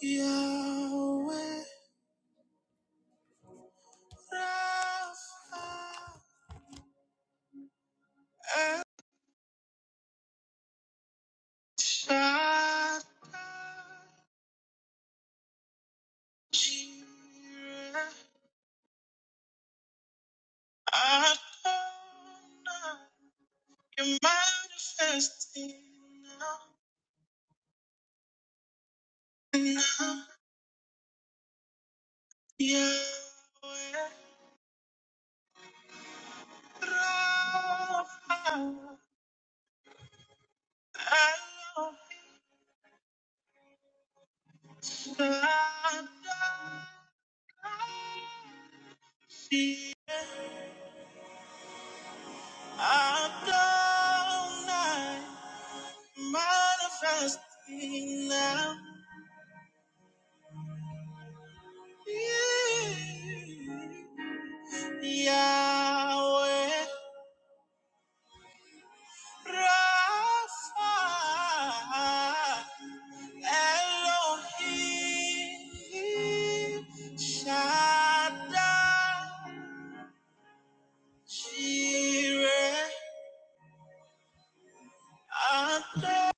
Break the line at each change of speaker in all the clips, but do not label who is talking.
Yahweh Rapha El Shaddai Jireh Adonai You're manifesting now, now. Yahweh Rapha El Shaddai Jireh I've gone night manifesting now. Yeah, Yahweh Rapha Elohim Shaddai Jireh. I've gone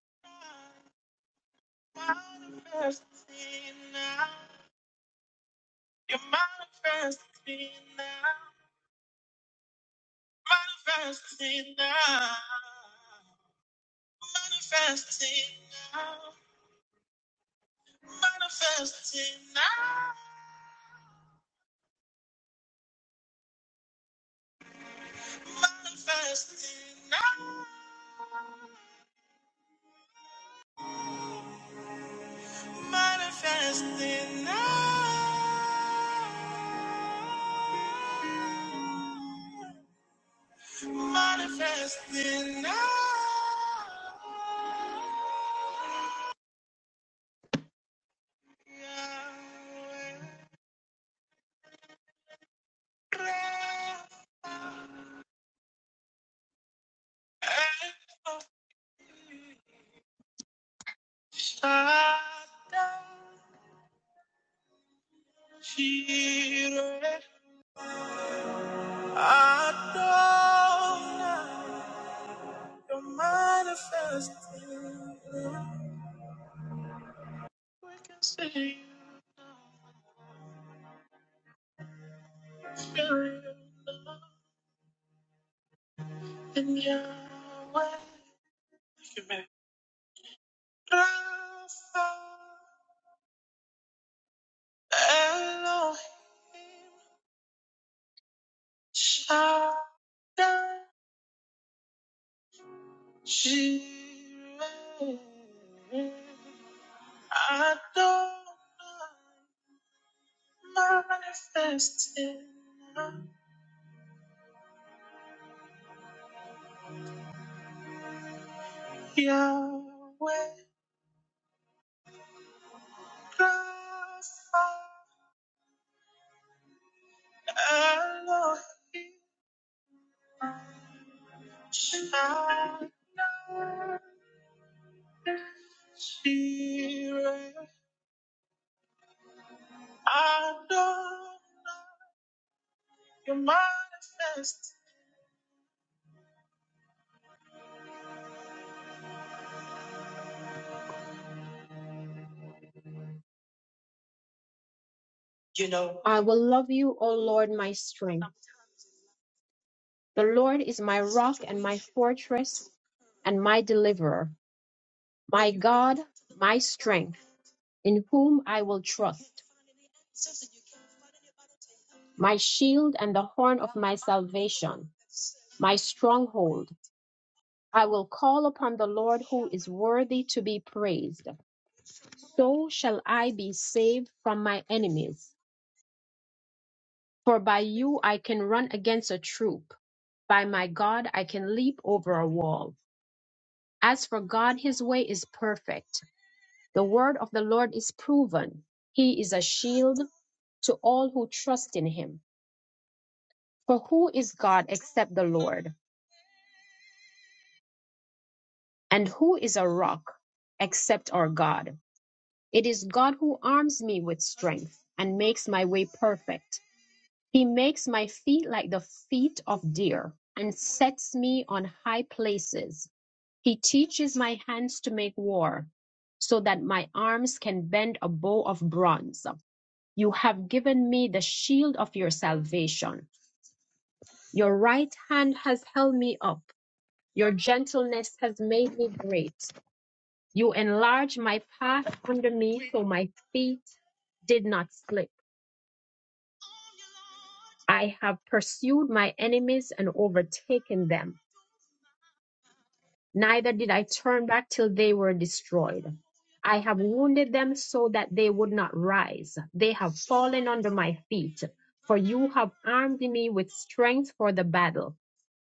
night manifesting now. You manifest me now. Manifest me now. Manifest it now. Manifest it now. Manifest it now. Manifest it now. Manifest it now. I don't know. You're manifesting. We can see you now. You're in your way. Rapha, Elohim, Shaddai, Jireh, Adonai, manifested Yahweh, Rapha, Elohim, Shaddai, Jireh. Adonai, you manifest. You know, I will love you, O Lord, my strength. The Lord is my rock and my fortress and my deliverer, my God, my strength, in whom I will trust, my shield and the horn of my salvation, my stronghold. I will call upon the Lord who is worthy to be praised. So shall I be saved from my enemies, for by you I can run against a troop. By my God, I can leap over a wall. As for God, his way is perfect. The word of the Lord is proven. He is a shield to all who trust in him. For who is God except the Lord? And who is a rock except our God? It is God who arms me with strength and makes my way perfect. He makes my feet like the feet of deer and sets me on high places. He teaches my hands to make war, so that my arms can bend a bow of bronze. You have given me the shield of your salvation. Your right hand has held me up. Your gentleness has made me great. You enlarged my path under me so my feet did not slip. I have pursued my enemies and overtaken them. neither did I turn back till they were destroyed. I have wounded them so that they would not rise. They have fallen under my feet, for you have armed me with strength for the battle.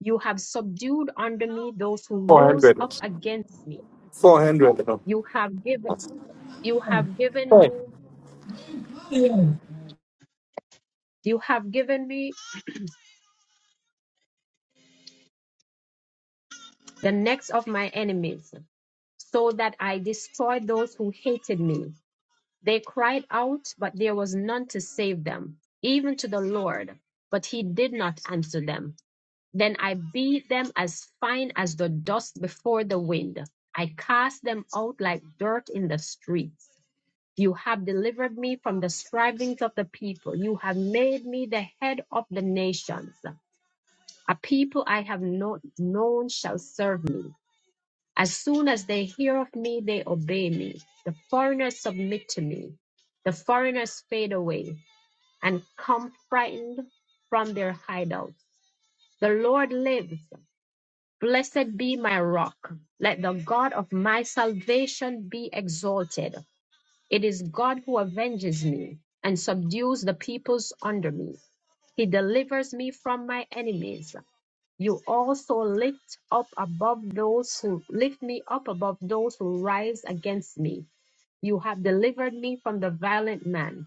You have subdued under me those who rose up
400.
against me.
400.
You have given you have given
Hey.
me you have given me the necks of my enemies, so that I destroyed those who hated me. They cried out, but there was none to save them, even to the Lord, but he did not answer them. Then I beat them as fine as the dust before the wind. I cast them out like dirt in the streets. You have delivered me from the strivings of the people. You have made me the head of the nations. A people I have not known shall serve me. As soon as they hear of me, they obey me. The foreigners submit to me. The foreigners fade away and come frightened from their hideouts. The Lord lives. Blessed be my rock. Let the God of my salvation be exalted. It is God who avenges me and subdues the peoples under me. He delivers me from my enemies. You also lift up above those who lift me up above those who rise against me. You have delivered me from the violent man.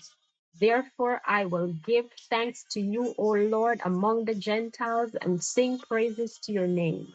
Therefore, I will give thanks to you, O Lord, among the Gentiles, and sing praises to your name.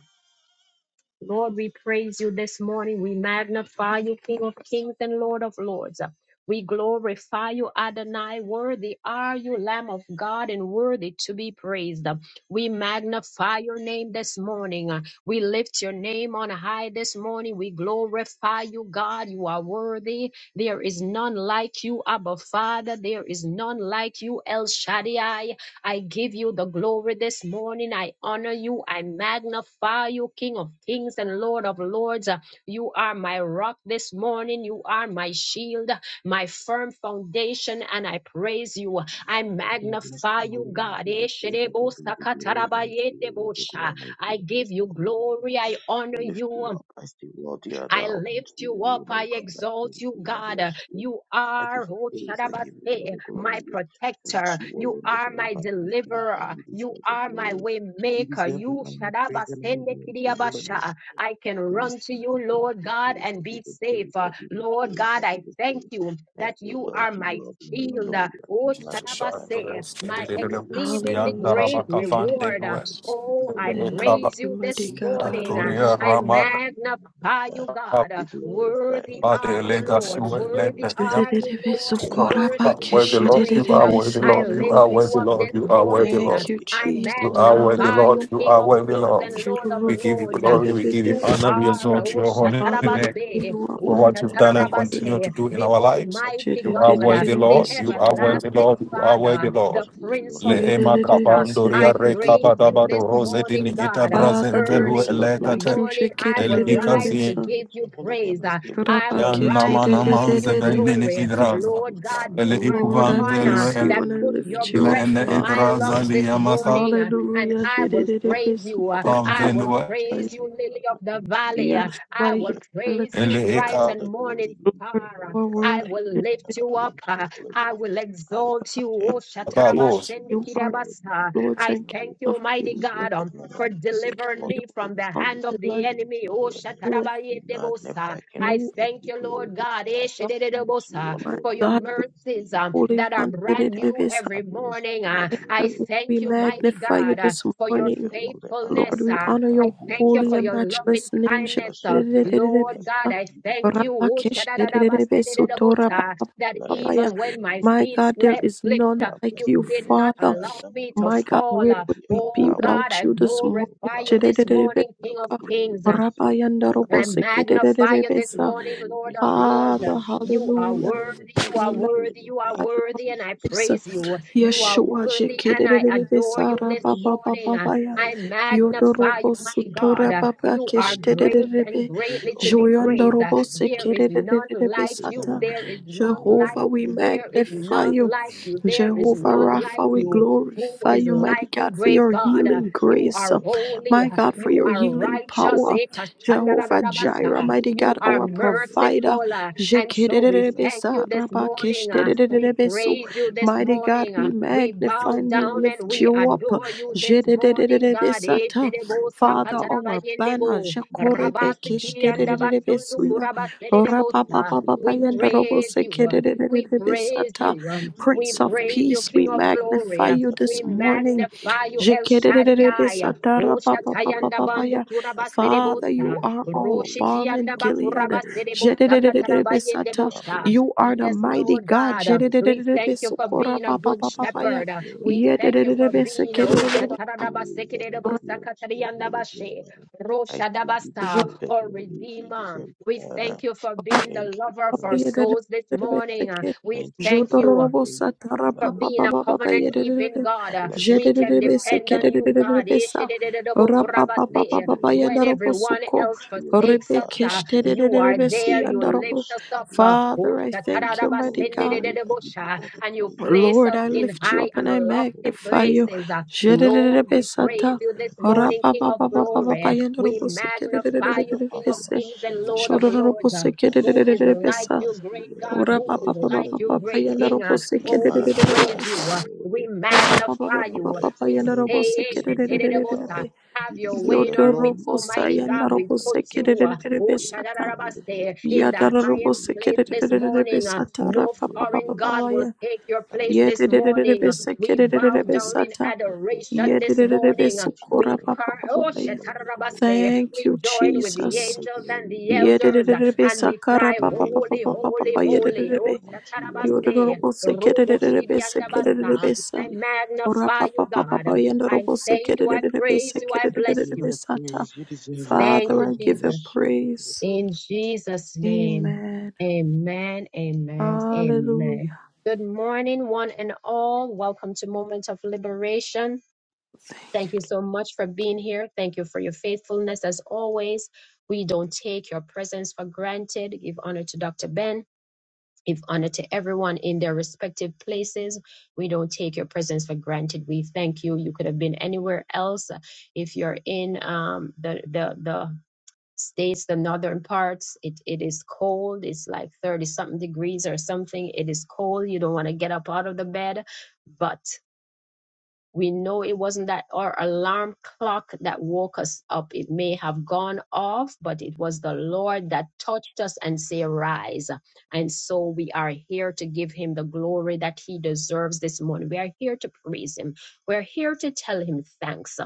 Lord, we praise you this morning. We magnify you, King of kings and Lord of lords. We glorify you, Adonai. Worthy are you, Lamb of God, and worthy to be praised. We magnify your name this morning. We lift your name on high this morning. We glorify you, God. You are worthy. There is none like you, Abba Father. There is none like you, El Shaddai. I give you the glory this morning. I honor you. I magnify you, King of kings and Lord of lords. Uh, You are my rock this morning. You are my shield, my firm foundation, and I praise you. I
Lord, bless
magnify
you,
you,
holy name.
God.
We lift you up, we
Esherebo
give you all the glory, and to you, Lord, the glory,
sakatarabayetebosha.
and to
I
you,
give
bless
you
you, holy name.
glory. I honor
We lift you
you.
up, I see, Lord, you are
I
thou, unto
lift
you
you up.
alone,
I
O God, I
exalt
thank
you,
you, and I bless
God.
you.
You
I give
are,
you
oh,
praise. I give you all
Shadabase,
the
my
glory. And
protector.
you
You
alone the
are
glory
my
by the King of Kings.
deliverer.
You
You
deserve the
are my
glory.
way
You
maker.
deserve the
You,
honor. Praise
Shadabase,
and honor be unto your holy name.
Nekiriabasha. I can
I bless
run to
you. I
you,
give
Lord
you
God,
praise.
and
I
be
give you
safe.
praise.
Uh,
I give you
Lord
praise. I
God,
give
I
you
thank
praise.
you
I
that
say,
you
well,
are
be
my
well, be
shield. Uh,
hallelujah.
Oh,
Be
Jesus, shark,
magnified.
Shadabase,
little skinny
my
Unto you
little
alone the glory
exceedingly
Yan
must
Hallelujah.
be
great
Darabaka
unto you
Van de
Chididididi.
alone.
reward. Uh,
the glory.
West,
You
Oh,
deserve
I
the glory.
Kaba,
Thank
praise
you,
you this
mighty
Praise
God.
and honor
morning. Uh,
belong to
Hallelujah.
Anturia
your
I
holy
Ramaka,
name. Be
magnify by you,
magnified,
God. Uh,
be glorified
Worthy
unto
are
you
Bade
you,
alone,
Lord.
unto
Legasue,
you alone,
Worthy
King
Lenderia.
of
are you,
Kings.
Chididididi.
Lord,
I
and
Lord,
exalt
you
your
worthy
are
Sokorabake.
holy
to
worthy,
be
name. I
Lord,
bless
you
praised.
are
Uh,
you.
Chididididi.
I give
worthy,
you
I
Lord, you
lift
are
praise.
you
worthy,
Chididididi.
up
I
Lord,
this
give
you
you
are
all the
worthy,
morning.
Lord,
Uh,
Thank you,
glory.
I
I give
Jesus.
you
you
all the
are worthy,
praise.
magnify
Lord,
you,
Hallelujah.
you
King
are
of
Praise and
worthy,
honor
kings
Lord.
and
belong to
Lord
your
of
We
holy
Jururubu.
name.
give you
You
lords. Uh,
glory,
deserve
we
the
give you
glory.
You
Chididididi.
We
honor, we
thank
are
you.
uh,
exalt
We
your
thank you.
holy
I
Hallelujah.
name.
thank you, O
Ushatarabaste,
You are
Lord.
for
worthy
what
I
you've done
to
lift
be
and
your
praised.
continue
name
to
Ushatarabaste,
do in
the
our
up.
lives.
I say,
Almighty
You
well,
are
God,
dear
uh,
worthy,
Chididididi.
thou,
the
Lord. You
unto
are
you, alone,
worthy,
Sotorabake.
King
everlasting
Lord.
of
You
Kings.
are worthy,
Father,
Lord.
the
Unto you
Prince
alone the
of
Leema
glory
Peace.
Chididididi.
Uh, I
kabandoria
you
Chididididi.
deserve the
praise you
glory,
rekabadabado
this
you deserve
rose
the
dini
morning,
honor,
ita
God. Uh,
praise, and
Father, there
brazenzelu
is
allegiance
Early
to your
none
in the
holy
like
elekate
you.
name.
morning,
I
I
ele
will
bless
Chididididi.
you
rise
and
to
I
ikazi
exalt
give you
your holy name.
praise.
I
Uh,
say, well,
I
do
will
Rabake.
what you
nama
rise
thank
to
you,
give
nama
you
Jesus.
Chididididi.
zevenini
glory.
Thank
idraza
you,
Lord God,
Father.
ele
you are
Thank
the
Lord,
you,
I
ikuvan
Son
one
of
uh,
velu
bless
God.
you
ele
that
and I
Thank
put
you,
your
Lord
lift
of
you
breath
up,
Lords.
ene
in
Father.
my
idraza
lungs this
liyamasa
Bless
morning, uh,
you,
and
Hallelujah.
bless
I
you,
will
bless you.
praise
Lord.
shedidididibi
you. uh,
Unto
I
you
will
pamvenu
alone, thank
praise you,
you,
Lily of
Father.
the
Unto you
Valley. uh,
alone,
Yes,
King of
I
my God,
will
Kings.
I
praise
You
lift
you,
you up.
ele
deserve
bright
all
and
the
morning
glory. You
Lord, you
deserve all
star. uh,
are
the
I
honor,
worthy.
will
praise, and
Shedidididibi.
lift
honor
you
be
up.
unto your
uh,
holy
I
name.
will
I will
exalt you. Oh,
thank you. I bless
Shatarabas,
ikababos
you,
You
yes,
are
Lord.
Sendikirabas.
You
uh,
deserve
Lord
the
I
and King
glory.
thank you,
of
You
mighty
Kings.
deserve
God.
the
um,
honor.
for
You deserve
delivering
all
You
me
the
from the
praise,
are
hand
praise,
the
and
of
honor
the
light
be unto
enemy.
your
Oh,
holy name.
of
Be
shatarabayetebosa.
magnified, King of
I
you,
Kings.
thank
Be
you, Lord God, eh,
glorified.
God,
Unto you
my
alone,
for
the
your
God, you
glory is
mercies
due.
um,
holy
Unto
that are
one.
you
brand
alone, I
new
Shedidididibi.
I
every
bless
morning.
you
uh.
and I
I
one.
exalt
We
thank
I
you,
give you
mighty
magnify you
God,
praise.
uh,
this
for
I
your
give
morning.
you all the honor,
Lord,
faithfulness.
we
praise,
uh.
and
honor your
I
honor be unto
thank you
holy
your
for
and
your
holy name.
loving
matchless name.
I
kindness.
bless
uh.
your holy name.
Lord
Yes,
God,
Lord,
I
you
thank
deserve
you
it.
oh,
You deserve it. You deserve it.
shadadadabasedededebosa, that
Bless
even when
your
my
My
name.
feet
God,
I
there
sle-
lift
is
you
none
slipped, uh,
up. I
like
you
you,
say,
did not
Father.
worthy art
allow
thou.
me to
My God,
fall.
where
uh,
would
Worthy
we
art
be
Oh
thou
God,
without
unto
I
you
your
this
Lord, O
morning?
glorify you
God.
this
You
morning,
deserve
King of
the glory.
Kings.
You
uh,
deserve the
I
honor.
magnify you
Receive
this
the
morning,
glory.
Lord of
Receive the
Lords. uh,
Father,
praise, O
You
God.
are
Praise
hallelujah.
and honor
worthy,
be
you
We
are
unto your
magnify
holy
worthy,
name.
you are
Thank you,
your
worthy, and I
Jesus.
name.
praise you.
Thank you,
You are
Lord. You
Yeshua
deserve
worthy,
it.
and
I
I
praise
jekererebe
you
adore
and
you
I
sara
this
bless
baba
you.
morning.
baba
uh,
baya.
I
I
exalt you, Holy Name.
magnify
I
you,
Yodorobo
bless
my
your holy
God.
sutora
uh,
name
baba
unto
You
you
are
alone. I
great and
keshtererebe.
I give you
greatly
all
to
the
be
praise and
praised.
I
uh,
Joyandorobo
give you all
There
the
is
honor.
none
sekererebe
like
Praise and
you.
sata.
honor
There
be
is
unto your
none
holy name.
like
Jehovah,
I
we
you.
thank you
There
and
is
bless
magnify
none
you.
you.
like you.
I give
There
you
is
all the
Jehovah
none
glory.
like
Rapha,
I
we
you.
give you all the
Who
glorify
is
praise.
you,
And
mighty
like you,
God, for
great
praise
your
and honor
God?
be
Uh,
healing
unto your
You
grace.
are
holy name. Be
holy.
My
uh,
magnified
God,
and
for
be
You
your
are
glory
healing
righteous.
power.
eh,
Jehovah Jireh,
unto
kashandarabasa.
you
mighty
You
God,
alone.
are
our
Unto you alone.
provider.
merciful.
King of
uh,
kings.
And so
I
we
Jekererebe
bless
thank
you.
sara
you this
I
baba
bless
morning.
you.
uh,
I
We
bless you.
keshtererebe
praise
I
you
give you
this
all
Mighty
the
God,
morning.
honor.
uh,
we
We
I give
bow
magnify
you
and we
all
down
the
and
lift
we
you
praise. I
up.
give
adore
you all
you
the
this
honor. I
morning, God.
praise
eh,
and
Jededededebesata.
honor be unto
shedebosa
your
Father,
holy name.
our banner.
katarabayendebo,
Jacorebe
Magnified be God. Thank
Kishdedededebesuya,
you, Jesus. Thank
rabasikiandabashundukurabasederebosa.
you,
We
Lord. Thank you,
praise
Jesus.
you.
Thank
We
you, Lord.
praise
Orapapapapayandarobosekededededebesata.
you.
You
um,
deserve
We
the
Prince of
praise
glory, you
you,
Peace,
King
we
deserve the
of
honor, the
Glory.
magnify
uh,
praise
you
that I
We
this
reveal to your
morning.
holy
magnify
name.
you, El
Unto you
Shaddai. uh,
alone and
Jekededededebesata,
O
lift you up, O
Shatayanda
God.
Bandu
rapapapapapapaya.
I say,
Father,
worthy,
you
Kurabasedebosa.
are
worthy,
all above
hallelujah.
and
Roshitianda
Unto you
gilded.
alone. um,
Bakurabasedebosa
I bless you, I
Katarabayendebosha.
bless
You are
you,
the
I
Yes,
bless
mighty
Lord
you, I
God.
God. uh,
bless
We
you for the
thank you for
favor.
being a good
You deserve
Jedididididibisukurapapapapapaya.
the
shepherd. uh,
glory,
We
you
thank you
deserve
for
the
being uh, O
honor.
Yedididididibisikididididibikura.
Praise and honor
Shataradabasekedebosa
be unto your
Katarianda
holy name.
Bashe.
um, I say, you
Roshadabasa,
deserve the
or
glory, you
Redeemer.
deserve the
We
honor.
thank you for being the
Thank you,
lover of our
Father.
souls this morning.
Jukapayedididididibisiki.
We
Thank you,
thank
Father.
you
Thank you, Father.
for being a
Thank you,
covenant
Father.
keeping
Jodororobosatarapapapapapapayedidididibi.
I
God. Uh,
bless
We
you. I
can
lift you
depend on
up,
you,
O God.
God.
Jedidididibisikididididibisa.
Unto you alone. Unto
Ishididididobokurabaseya.
you
When
alone.
everyone
Rapapapapapapayandarobosuko.
Unto
else
you alone,
forsakes us,
Father. I
uh,
bless
you
you.
are
I bless
there.
you.
You
I
lift
Rebekeshtedidididibisuyandaro.
bless
us
you. I
up. uh,
bless you.
Father, I
I give
thank you,
you all
mighty
the
God.
glory. I give you
Otatarabasendidididibosha,
all the
And you
praise.
place
Lord,
us
I
Praise
in
the
lift
Lord
you
of
high
up
and
and
glory.
I
to the Lord
lofty
of name
magnify
be
you.
places. uh.
magnified.
Lord,
We
we praise you
glorify.
this morning,
Thank
King
you,
of
Father.
glory. We
Thank you,
magnify you,
Father. I
King of kings
bless your
and
holy
Lord of
name.
lords. uh.
I
Who
lift
is
you
like
up. I
you,
say,
great God?
wealthy,
Who is
wealthy.
like you, great
Hallelujah.
King? Uh,
We
Oh, we praise
magnify, we
you. uh, We
glorify.
magnify you. uh,
How
We
excellent
say,
is your name, O
"Eshetelelebosa,
God.
have
You
your
deserve
way in
the
our
glory.
midst,
You
Almighty
deserve the
God. We
honor.
put you,
Praise the
uh,
Lord of
oh,
glory to your holy name.
Shadarabase, in the
Unto you O
highest
Lord, the
place this
glory must be.
morning. uh,
I thank
No
you and I
foreign God
bless you.
will take your
I
place
lift
this
you up. I
morning. uh,
lift you
We
up.
bow
I
down
lift
in
you
Yedididididibisikididididibisata.
up, O
adoration
God.
this
I
morning. uh,
lift you
We
Yedidididibisukura
up.
cry,
Unto
oh,
you O
papapapapaya.
Lord, the glory must
Shatarabase,
be.
Thank
we
you,
join
You
with the
deserve
Jesus.
the
angels and
glory.
the
You deserve
elders
the
uh, and
honor.
we
Yedidididibisakara
cry,
Praise
Holy,
and honor be
holy,
papapapapapapa.
unto you
holy.
alone.
Oh,
And
Yedidididibi.
unto you O Lord, King
Shatarabase,
of Kings.
Robo
I bless you and I
Shidiandabasa.
worship
I
Yodororobosikididididibisikididididibisikidididibisa.
you.
Ora
magnify you, God.
papapapapa.
I thank you. I praise you. I
I give
bless
you all
you.
the
Yendorobosikididididibisikididididibisikidididibisata.
praise. You deserve it, O
Thank
Father,
you,
I
God. I
give you
Jesus.
bless you. I give you
praise.
In
praise.
Jesus' name.
Amen.
Amen. Amen. Amen.
Hallelujah.
Good morning, one and all. Welcome to Moment of Liberation. Thank you so much for being here. Thank you for your faithfulness as always. We don't take your presence for granted. Give honor to Dr. Ben. Give honor to everyone in their respective places. We don't take your presence for granted. We thank you. You could have been anywhere else. If you're in um, the the the states, the northern parts, it, it is cold. It's like 30 something degrees or something. It is cold. You don't want to get up out of the bed. but. We know it wasn't that our alarm clock that woke us up. It may have gone off, but it was the Lord that touched us and say, rise. And so we are here to give him the glory that he deserves this morning. We are here to praise him. We're here to tell him thanks.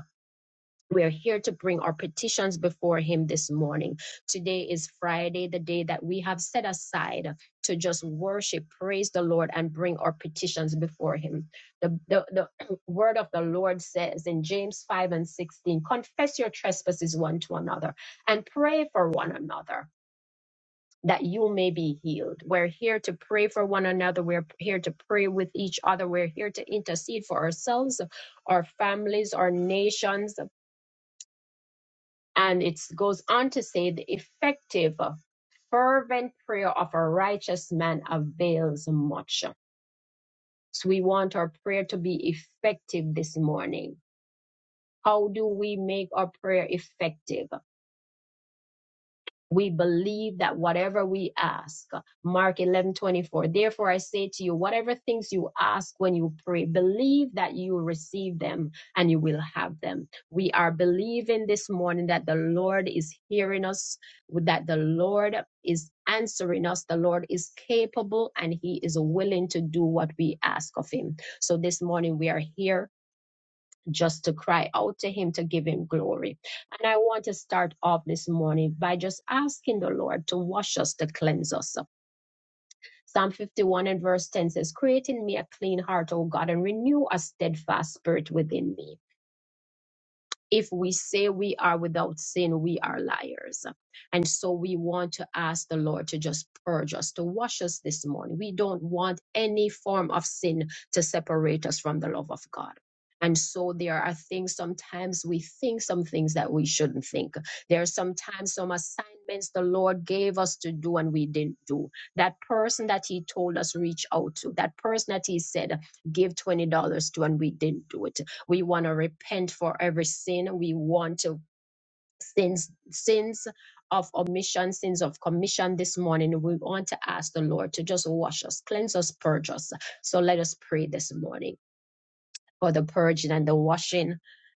We are here to bring our petitions before Him this morning. Today is Friday, the day that we have set aside to just worship, praise the Lord, and bring our petitions before Him. The, the, the word of the Lord says in James 5 and 16 Confess your trespasses one to another and pray for one another. That you may be healed. We're here to pray for one another. We're here to pray with each other. We're here to intercede for ourselves, our families, our nations, and it goes on to say the effective, uh, fervent prayer of a righteous man avails much. So we want our prayer to be effective this morning. How do we make our prayer effective? we believe that whatever we ask, Mark 11 24. therefore I say to you, whatever things you ask when you pray, believe that you receive them and you will have them. We are believing this morning that the Lord is hearing us, that the Lord is answering us. The Lord is capable and He is willing to do what we ask of Him. So this morning we are here just to cry out to Him to give Him glory. And I want to start off this morning by just asking the Lord to wash us, to cleanse us. Psalm 51 and verse 10 says, Create in me a clean heart, O God, and renew a steadfast spirit within me. If we say we are without sin, we are liars. And so we want to ask the Lord to just purge us, to wash us this morning. We don't want any form of sin to separate us from the love of God. And so there are things sometimes we think some things that we shouldn't think. There are sometimes some assignments the Lord gave us to do and we didn't do. That person that He told us reach out to, that person that He said give $20 to and we didn't do it we want to repent for every sin. We want to sins sins of omission, sins of commission this morning. We want to ask the Lord to just wash us, cleanse us, purge us. So let us pray this morning for the purging and the washing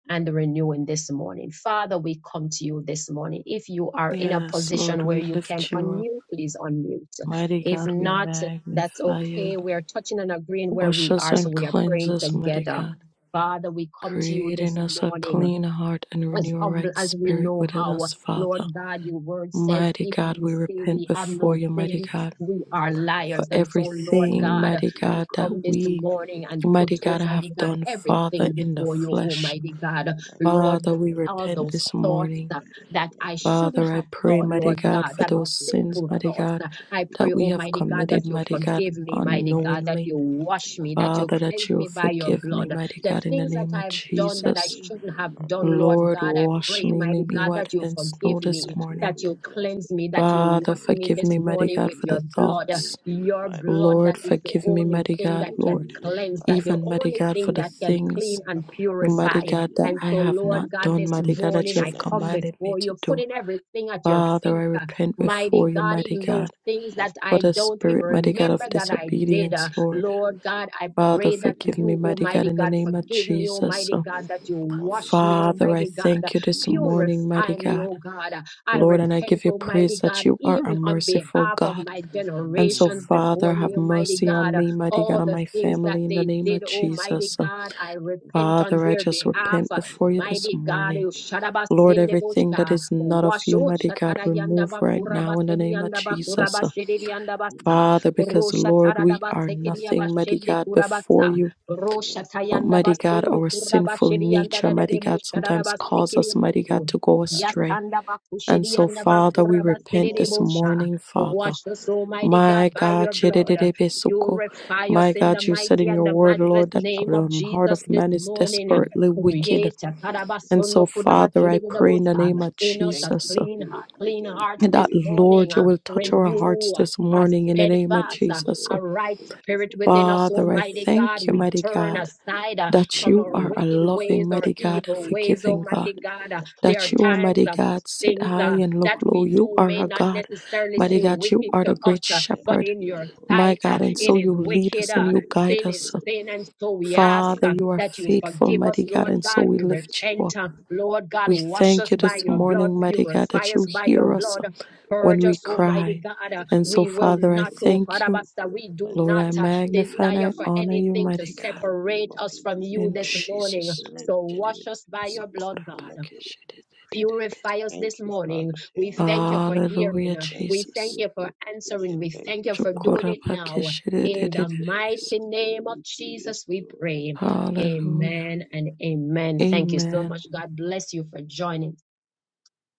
and the renewing this morning. Father, we come to you this morning. If you are in a
Yes, Lord,
position where
we
you can
lift you up.
unmute, please unmute.
Mighty
If
God, we
not, that's
magnify you.
okay. We are touching and agreeing where
Wash
we
us
are, so
and
we are
cleanse
praying
us, mighty
together.
God.
Father, we come to you
Create in
this
us a
morning
clean heart and
as
renew a
humble
right
as we
spirit
know
within
how.
us, Father.
Lord God, your word says
Mighty
if
God,
we
we
say
repent
we have
before
no
you, mighty
sin,
Praise
God,
and I
we
praise
are
for your
for
liars.
cleansing.
And so,
Praise in the
Lord
mighty
everything,
name
God,
of
mighty
we
God,
come
that
this
we,
I pray
morning
that
and
you will
put,
mighty God,
cleanse and
have
Almighty God,
clean-
done, Father,
everything
in the
purify
before
in
you,
flesh.
Jesus'
Almighty
mighty
God.
name. I pray and
Lord
Father,
God,
we
pray and
all
repent
fast
those
this
and
thoughts
morning.
uh,
purify in the
that I
mighty name of
Father,
shouldn't
I
have
Jesus.
pray,
thought,
mighty
Lord
God,
God,
for
As
that
we
are
those
pray, O
sins,
sinful
God,
mighty
I
thoughts.
God,
pray
uh,
for
I
that
pray,
forgiveness
we
and
have
Almighty God,
as
committed,
that
we
you
mighty
cleanse
God,
me
forgive me,
from all
mighty God, that
unknowingly.
unrighteousness
you
in the mighty
wash
name of
me, that you
Father,
Jesus.
that
cleanse
you will
me by
I
your
forgive
agree
me,
blood,
with you,
mighty
take
the
God,
it
in the
things
away.
that
name of
I've
This is
done
in
that I
Jesus.
sin, the
shouldn't
man,
have
man, man,
done, Lord
Lord,
God,
constantly,
I
O
wash
God.
pray,
me,
mighty
make me
In The
God,
man,
whiter
that you
man,
than snow
forgive
constantly,
this
I
me,
pray
morning.
for
that
your
you
cleansing
cleanse me, that you
in the
Father,
wash
mighty
me
forgive
name
this
me,
of
mighty
Jesus,
morning
that
God,
with
for
you
the
your
bless
blood. uh,
thoughts.
me,
Your
purify me in
blood
the
Lord,
that is
blood,
the
forgive
and
me,
only
mighty
thing
God,
that
saturate
can
Lord,
me in the
cleanse, that
blood,
the
even,
in the
mighty
only
God,
mighty
for
thing
the
that
name of
can
things,
Jesus,
clean
that
and
mighty
purify.
purify
God,
your
that
And
I
soul,
so,
I
have
pray
Lord
not
for
God,
your
done,
this
mighty God, that
morning
you
I
purification,
have
uh,
come
commanded me
before
to
you,
do.
putting everything at your
Father, I
feet. uh,
repent before
Mighty
you,
God,
mighty
even
God,
those things that
for
I
the
don't
I
even
spirit, mighty
pray
God,
for
remember
of
your
that I
cleansing,
did.
uh,
uh,
disobedience, Lord.
I pray
Lord
for
God,
your
I
cleansing
Father,
pray
in the
that
forgive
mighty
me,
you,
name
mighty
of
God,
Almighty
in the
God,
Jesus,
name
and
of
forgive me,
you
Jesus.
Almighty God,
bless
that
me
you
from all
wash me,
unrighteousness,
Father, I
Almighty God,
thank you this
you bless
morning,
me from
mighty
purify
all unrighteousness,
me,
God.
oh God. I
Lord, and I
repent,
give you
Almighty
praise that
God,
you are a
even on
merciful
behalf of
God.
my
Please raise my
And
mother
so,
generations
and
Father,
before
Christmas to the
have
me,
life of
Almighty
my
mercy on
God.
me,
forgiveness.
mighty God,
All
and
the
I
my
pray
things
that
that
family
you
in the
they
can
name of
did,
see yes,
Almighty
Lord.
Jesus.
God, I
In the course of
repent
the
on
Father,
blood,
I
their
I
just
pray
behalf.
repent
for my
before you
life,
this
Mighty
for
God,
yes,
morning.
you
Lord.
Lord,
In the mighty
everything that
name
shadabasendebocha,
of
is not
Jesus,
of
so
you,
that
washo
you
mighty
will
God,
find me,
shatarayanda
remove
that
right
you will find
bakura
now in
me,
the
basedi
name of
yanda
that you will
bakura
Jesus.
call
basedi yanda
In the
basa.
Father,
mighty name of
because
Rosha
Jesus,
Lord, we
Taradaba
Father,
are
bless
Sekiria
nothing,
me,
mighty
yes,
Bashende
God,
Lord.
before
Kurabasa,
you.
Purify me,
Rosha
But
bless
Tayanda
mighty
me.
God,
Basundu
our
In the
sinful
mighty
Kurabashiri and
name
nature,
of
mighty
Dadadebo
God,
Jesus, I
sometimes
Shadaraba
pray that
cause
Sekiria
you
us,
will
mighty God,
Busu,
protect
to
me,
go
Father.
astray.
Yasanda
And
Bakushiri
so,
and
Father,
Bless
we
me
repent
more,
this
Lord.
Bakurabasiribosha.
morning,
In the
Father.
Wash
mighty name
us,
of Jesus.
Almighty
My
God, by
God,
your
I pray
blood.
that you will
chidididibisuko.
glorify me,
Purify
that
us
my
you
in the
will
God, you
thank
said
mighty
in
and
your
the
me.
word,
matchless
In
Lord, that
Jesus'
name of
the heart
mighty
Jesus
of
name,
this
man is
forgive me
morning.
from
desperately
all of
wicked.
Create
righteousness. sin and
And so,
Kadabasundo
Thank
Father, I
you,
pray
Father,
in the
for
Kudabakiribosa
name of
Christ. and
in us a
Thank you
Jesus uh,
for
clean heart,
purifying.
clean
Thank
hearts
you,
that,
this
yes, Lord.
morning.
Lord, you
uh,
will touch
Thank
our
you for
hearts
Renew,
Christ
this
in
a
morning in the
Thank
name
you,
of
steadfast,
yes,
uh,
Jesus.
Lord.
Uh,
a right
Thank you
spirit
for
within us,
Father,
purifying.
I
Almighty
Thank you
God.
for
thank you,
We
mighty
Christ in
turn
God,
Lord.
aside uh,
I
that
from
you
our
pray
are a
for
wicked ways
loving,
or
mighty
purification. I
God, a
pray
evil
for
ways,
forgiving God.
Almighty
purification.
God. Uh,
I
There are
that
I
you,
pray for
times
Almighty
of
God,
Christ in
sit
Things
the
high
uh,
mighty
and look
that
name of
low.
we
You
Jesus.
do
are
may
a
not
God,
Christ.
necessarily
mighty
Thank
seem
God. You
wicked
are
you,
the
to us,
great
Jesus.
uh, but
Thank
shepherd,
in
you,
your
Lord.
my
sight, uh,
I
God. And
it
so
bless
is
you
you and
lead
wicked.
give
us
you
and
Uh,
you
praise and
guide
sin
us.
is
glory,
sin. And
Lord.
so we
I
ask
Father,
thank
uh,
you
you
are
for
that you
Christ
faithful,
for
forgive
mighty
us,
God.
Lord
And
purifying
so
God.
in
we
the
We
lift
mighty
you
name
repent.
up.
of
uh,
Jesus.
Lord
Christ.
God,
We
wash
I
thank
us
you
thank
by
this
your
you
blood,
morning,
for my
mighty God,
entire
purify
that
us
you
by
Christ
your
in
hear us
In
blood,
Jesus'
when
Purge
we
us,
mighty name.
Almighty
cry.
God.
I
Uh,
And
pray
so,
We
for
will
your
Father, I
not,
friends,
oh
and I
thank you.
pray for
Karabasta,
your
we do
clients,
Lord,
not
I
and I
uh,
pray for
magnify
your
and
desire
I
for
clothes.
honor you,
anything to
mighty
In the
God.
mighty name
separate
of
us
King
from
Jesus,
you
In
this
thank you for
morning.
Jesus.
correcting
So
me.
wash us by
In
your blood,
Jesus' name,
God.
I pray with thanksgiving.
Purify us
Thank
this
you,
morning.
Father.
We
Thank
thank
you,
you for
Lord.
Hallelujah,
hearing. uh,
Thank
We
you for
thank
Jesus.
your
you for answering.
purification.
We
Thank
thank
you
you
for
for
the
doing
cross.
it now.
Thank
In
you
the
for the
Shukurabakeshidididididibis.
mighty
cross.
name of
Thank you, yes,
Jesus, we
Lord.
pray.
Hallelujah,
Amen and amen. Thank you so
Amen.
much. God bless you for joining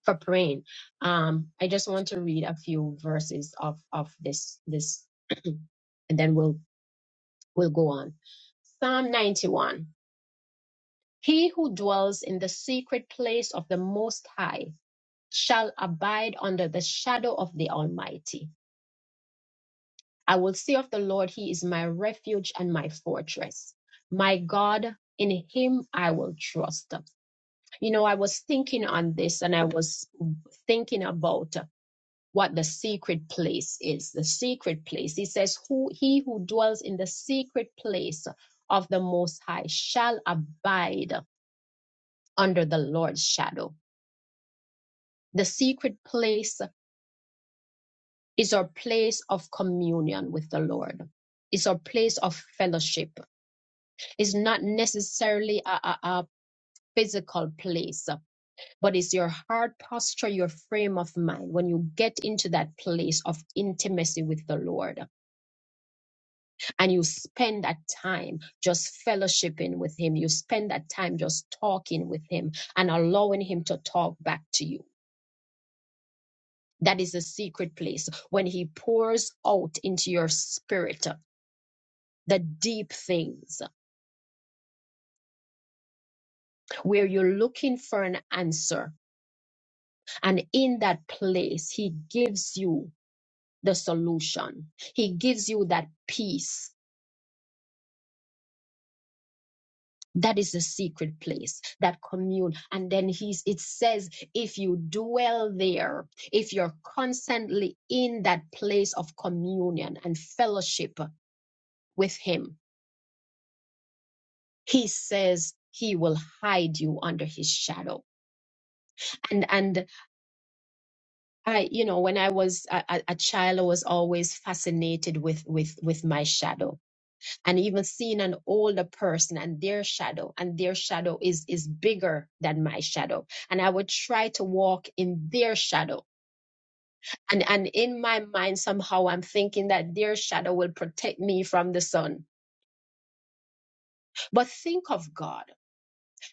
for praying. Um, I just want to read a few verses of of this this, and then we'll we'll go on. Psalm ninety one. He who dwells in the secret place of the Most High shall abide under the shadow of the Almighty. I will say of the Lord, He is my refuge and my fortress, my God. In Him I will trust. You know, I was thinking on this, and I was thinking about. what the secret place is. The secret place. He says, Who he who dwells in the secret place of the most high shall abide under the Lord's shadow. The secret place is our place of communion with the Lord. It's our place of fellowship. It's not necessarily a, a, a physical place, but it's your heart posture, your frame of mind. When you get into that place of intimacy with the Lord, and you spend that time just fellowshipping with him. You spend that time just talking with him and allowing him to talk back to you. That is the secret place when he pours out into your spirit the deep things where you're looking for an answer. And in that place, he gives you the solution, he gives you that peace that is the secret place that commune and then he's it says if you dwell there if you're constantly in that place of communion and fellowship with him he says he will hide you under his shadow and and i you know when i was a, a a child i was always fascinated with with with my shadow and even seeing an older person and their shadow and their shadow is is bigger than my shadow and i would try to walk in their shadow and and in my mind somehow i'm thinking that their shadow will protect me from the sun but think of god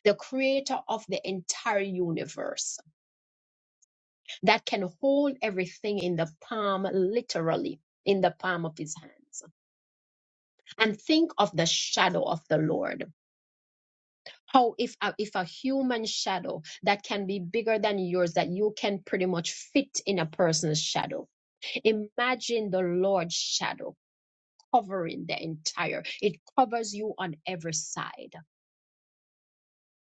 the creator of the entire universe that can hold everything in the palm literally in the palm of his hands and think of the shadow of the lord how if a, if a human shadow that can be bigger than yours that you can pretty much fit in a person's shadow imagine the lord's shadow covering the entire it covers you on every side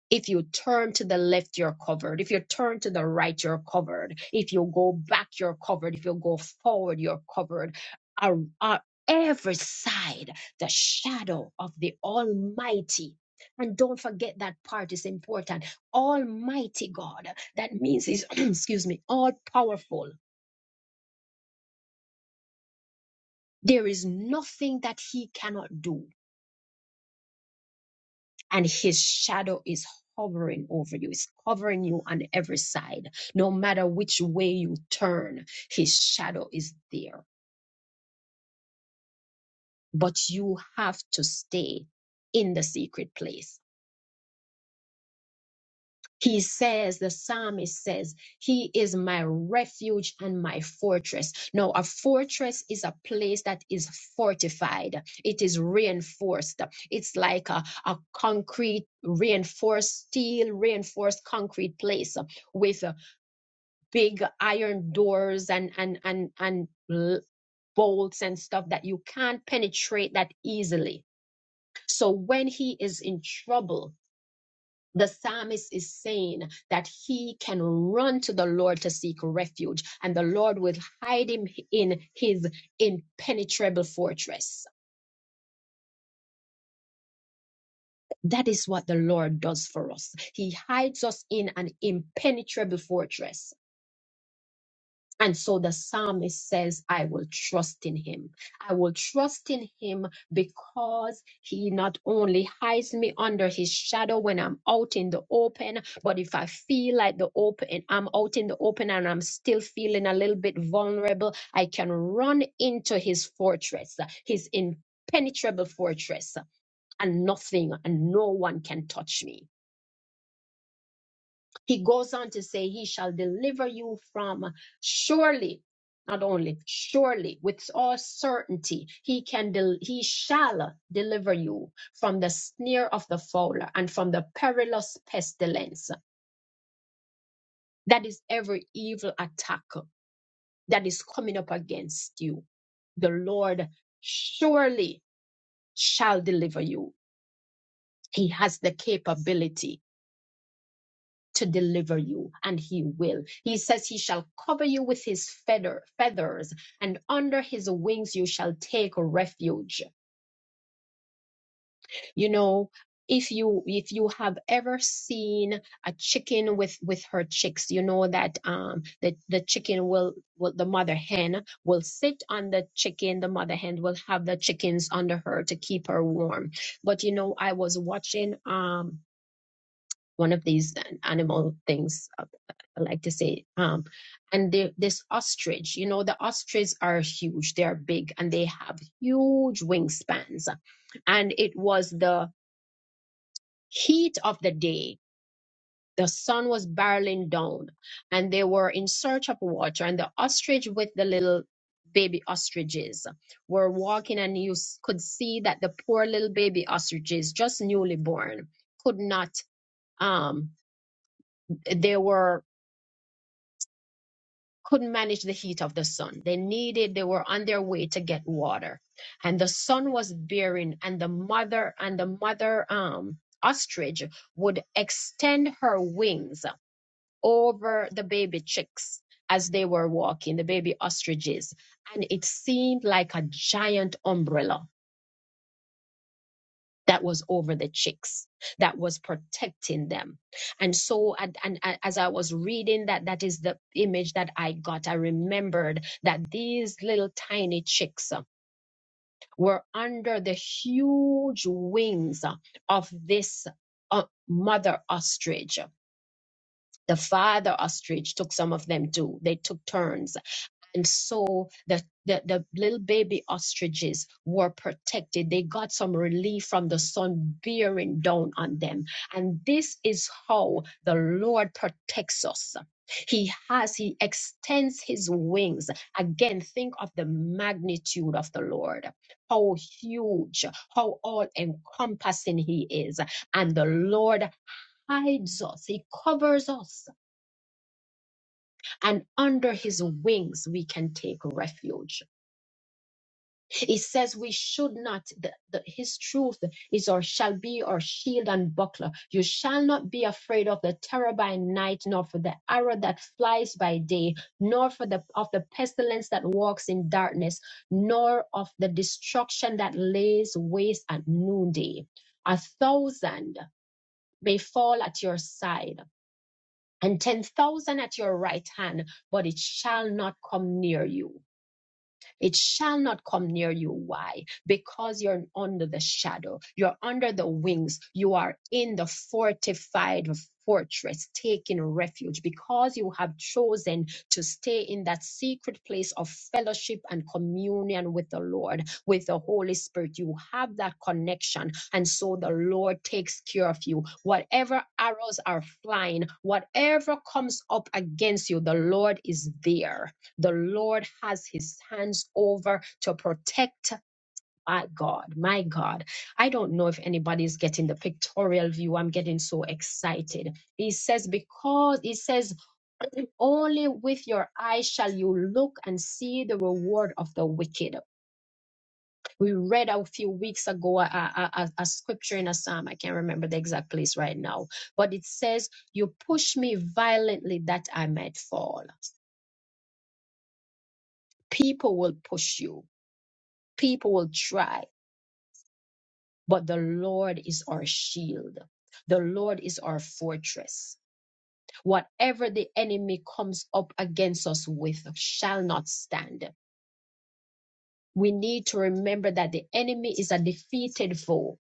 if you turn to the left, you're covered. If you turn to the right, you're covered. If you go back, you're covered. If you go forward, you're covered. Ar- ar- every side, the shadow of the Almighty. And don't forget that part is important. Almighty God. That means he's, excuse me, all powerful. There is nothing that he cannot do. and his shadow is hovering over you. It's covering you on every side. No matter which way you turn, his shadow is there. But you have to stay in the secret place. He says, the psalmist says, He is my refuge and my fortress. Now, a fortress is a place that is fortified, it is reinforced. It's like a, a concrete, reinforced steel, reinforced concrete place with big iron doors and and and and l- bolts and stuff that you can't penetrate that easily so when he is in trouble the psalmist is saying that he can run to the Lord to seek refuge, and the Lord will hide him in his impenetrable fortress. That is what the Lord does for us. He hides us in an impenetrable fortress And so the psalmist says, I will trust in him. I will trust in him because he not only hides me under his shadow when I'm out in the open, but if I feel like the open, I'm out in the open and I'm still feeling a little bit vulnerable, I can run into his fortress, his impenetrable fortress, and nothing and no one can touch me he goes on to say, He shall deliver you from surely, not only, surely, with all certainty, he can del- he shall deliver you from the snare of the fowler and from the perilous pestilence. That is every evil attack that is coming up against you. The Lord surely shall deliver you. He has the capability. to deliver you, and he will. He says he shall cover you with his feather, feathers, and under his wings you shall take refuge. You know, if you if you have ever seen a chicken with with her chicks, you know that um the, the chicken will, will the mother hen will sit on the chicken, the mother hen will have the chickens under her to keep her warm. But you know, I was watching um one of these uh, animal things uh, I like to say. Um, and the, this ostrich, you know, the ostriches are huge, they are big, and they have huge wingspans. And it was the heat of the day. The sun was barreling down, and they were in search of water. And the ostrich with the little baby ostriches were walking, and you s- could see that the poor little baby ostriches, just newly born, could not. Um, they were couldn't manage the heat of the sun. They needed, they were on their way to get water. And the sun was bearing, and the mother, and the mother um ostrich would extend her wings over the baby chicks as they were walking, the baby ostriches. And it seemed like a giant umbrella that was over the chicks that was protecting them and so and, and as i was reading that that is the image that i got i remembered that these little tiny chicks uh, were under the huge wings uh, of this uh, mother ostrich the father ostrich took some of them too they took turns and so the, the, the little baby ostriches were protected. They got some relief from the sun bearing down on them. And this is how the Lord protects us. He has, he extends his wings. Again, think of the magnitude of the Lord, how huge, how all encompassing he is. And the Lord hides us, he covers us, and under his wings we can take refuge. It says we should not, the, the, his truth is or shall be our shield and buckler. You shall not be afraid of the terror by night, nor for the arrow that flies by day, nor for the of the pestilence that walks in darkness, nor of the destruction that lays waste at noonday. A thousand may fall at your side, and ten thousand at your right hand, but it shall not come near you. It shall not come near you. Why? Because you're under the shadow, you're under the wings, you are in the fortified fortress, taking refuge because you have chosen to stay in that secret place of fellowship and communion with the Lord, with the Holy Spirit. You have that connection, and so the Lord takes care of you. Whatever arrows are flying, whatever comes up against you, the Lord is there the Lord has his hands over to protect. My God, my God. I don't know if anybody's getting the pictorial view. I'm getting so excited. He says, because he says, only with your eyes shall you look and see the reward of the wicked. We read a few weeks ago a, a, a, a scripture in a psalm. I can't remember the exact place right now, but it says, You push me violently that I might fall. People will push you People will try, but the Lord is our shield. The Lord is our fortress. Whatever the enemy comes up against us with shall not stand. We need to remember that the enemy is a defeated foe.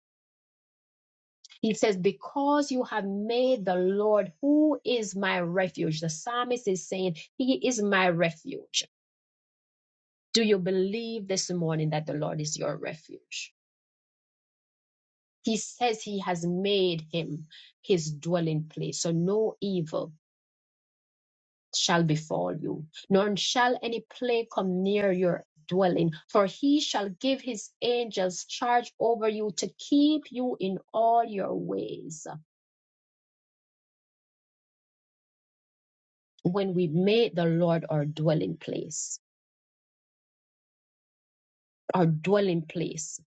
He says, Because you have made the Lord, who is my refuge. The psalmist is saying, He is my refuge. Do you believe this morning that the Lord is your refuge? He says he has made him his dwelling place. So no evil shall befall you, nor shall any plague come near your dwelling. For he shall give his angels charge over you to keep you in all your ways. When we made the Lord our dwelling place, our dwelling place.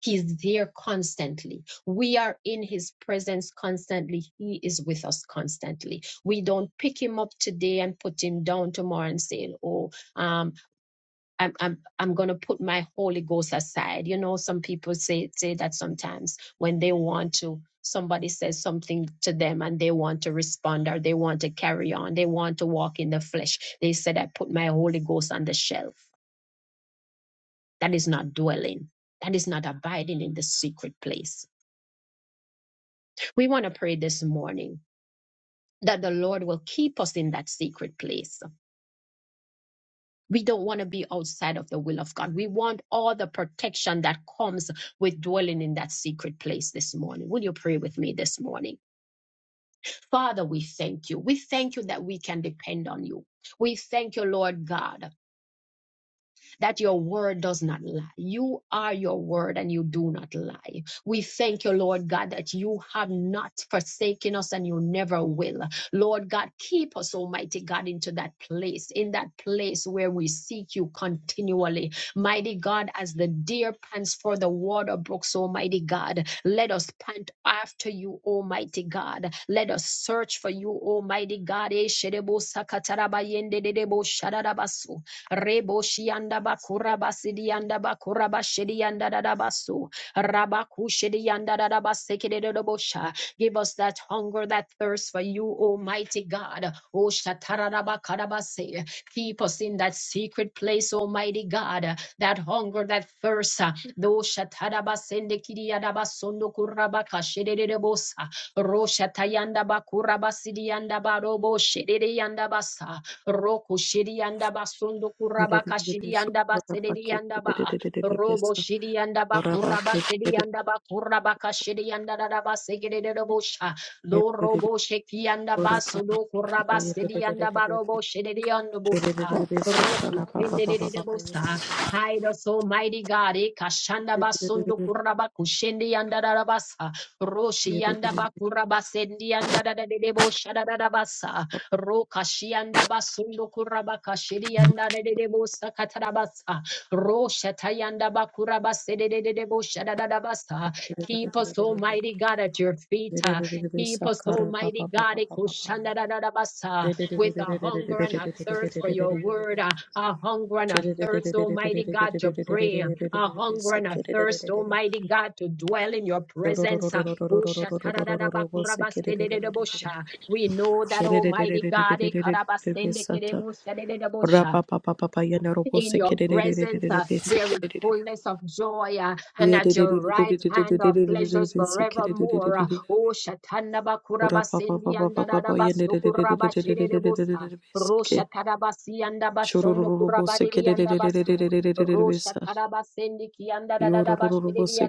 He's there constantly. We are in his presence constantly. He is with us constantly. We don't pick him up today and put him down tomorrow and say, Oh, um, I'm I'm I'm gonna put my Holy Ghost aside. You know, some people say say that sometimes when they want to somebody says something to them and they want to respond or they want to carry on, they want to walk in the flesh. They said, I put my Holy Ghost on the shelf. That is not dwelling. That is not abiding in the secret place We want to pray this morning that the Lord will keep us in that secret place. We don't want to be outside of the will of God. We want all the protection that comes with dwelling in that secret place this morning. Will you pray with me this morning? Father, we thank you. We thank you that we can depend on you. We thank you, Lord God. that your word does not lie. You are your word and you do not lie. We thank you, Lord God, that you have not forsaken us and you never will. Lord God, keep us, Almighty God, into that place, in that place where we seek you continually. Mighty God, as the deer pants for the water brooks, Almighty God, let us pant after you, Almighty God. Let us search for you, Almighty God. Eh, Reboshianda bakura basidianda bakura bashidianda dadabasu. Rabakushidianda dadabasekededobosha. Give us that hunger, that thirst for you, Almighty God. O shatarabakadabase. Keep us in that secret place, Almighty God. That hunger, that thirst. Do shatarabasendekidiyadabasondo kurabakashidedebosa. Roshatayanda bakura basidianda barobo shede yanda basa. Roku shirianda basundo kurabaka
Dididididibis.
shirianda basirianda ba. Robo
Shukurabakeshidididididibis.
shirianda bakuraba
Shukurabakeshididididididibis.
sirianda bakurabaka shirianda daraba segedede bosha. Lo robo shekianda baso do kuraba sirianda
Shukurabakeshididididididibis.
barobo shirianda bosa.
Shididididibis.
Roku tendere Robo bosa.
Shukurabakeshididididididibis.
Hide us, Almighty God. Ekashanda basundo kuraba kushende yanda darabasa. Roshi yanda
Yidididididididididididibis.
bakuraba sendi yanda dadede bosha darabasa. Rokashianda basundo kurabakashirianda dedebosa katarabasa. Roshatayanda bakuraba sedededeboshadadabasa. Keep us, Almighty God, at your feet. uh,
Yididididididididibis.
Keep us, Almighty God, ikushandadadadabasa, with a hunger and a thirst for your word,
Shukurabakeshididididididididibis.
uh, a hunger
Shorororobo
and a thirst, Almighty God, to pray, a hunger and a thirst, Almighty God, to dwell in your presence. uh, Ushatadadadabakuraba sedededebosha. We know that Almighty God, eh, karabasende kerebo shadedebo in your presence uh, there is fullness
sekere
of joy, uh, and at your right hand are pleasures forevermore. uh. Oh, shatanda bakura basendi anda dada Rosha tarabasi anda bashondo kura badiri anda Rosha tarabasendi ki anda
Thank you,
dada
Jesus.
bashediri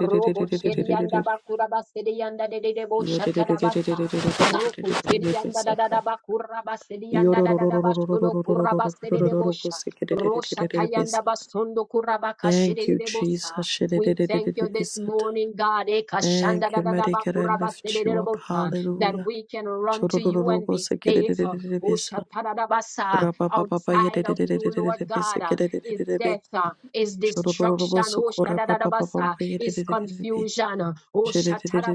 Robo shedi anda bakura basedi anda dedebo shatarabasa. Roku sedi anda da da da ba kurra ba sedi anda da da da ba shodo kurra ba sedi de bosha. Rosha tayanda ba sondo kurra ba kashiri de bosa. We thank you this morning, God, eh,
Thank
kashanda da
you,
da da
mighty
ba
God. I
kurra ba sedi
lift
de
you up.
bosa, that
Hallelujah.
we can run to you and be safe. Oh,
Shorororobosikererererebesa.
shatada Outside of you, Lord God, uh, is death, uh, is destruction. Oh, shatada is confusion. uh, Oh,
Thank
shatada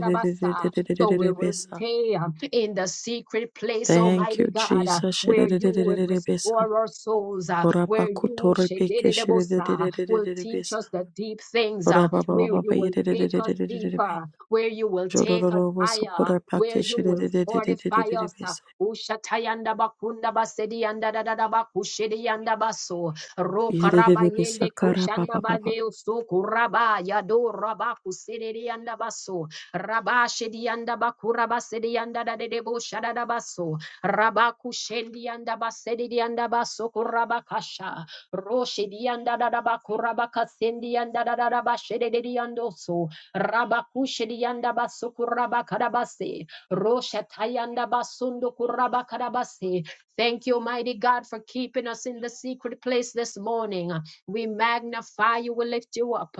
so we will stay um, in the secret place, Almighty
you,
God, uh,
Jesus.
where you will restore our souls, uh, where you shedididibusa, will teach us the deep things, uh, where you will take us deeper, where you will take us higher, where you will fortify us. uh, Ushatayanda bakunda basedi yanda da da da bakushedi yanda baso. Roka
Thank
yende kushanda badeo suku raba yado raba kusededi yanda baso. Rabashe dianda bakura basedi yanda da de debo shada da baso. Rabaku shendi yanda basedi dianda baso kurabakasha. Roshi dianda da da bakura bakasendi yanda da da da bashede de diando so. Rabaku shedi yanda baso kurabakada base. Rosha tayanda basundo kurabakada base. Thank you, mighty God, for keeping us in the secret place this morning. We magnify you, we lift you up.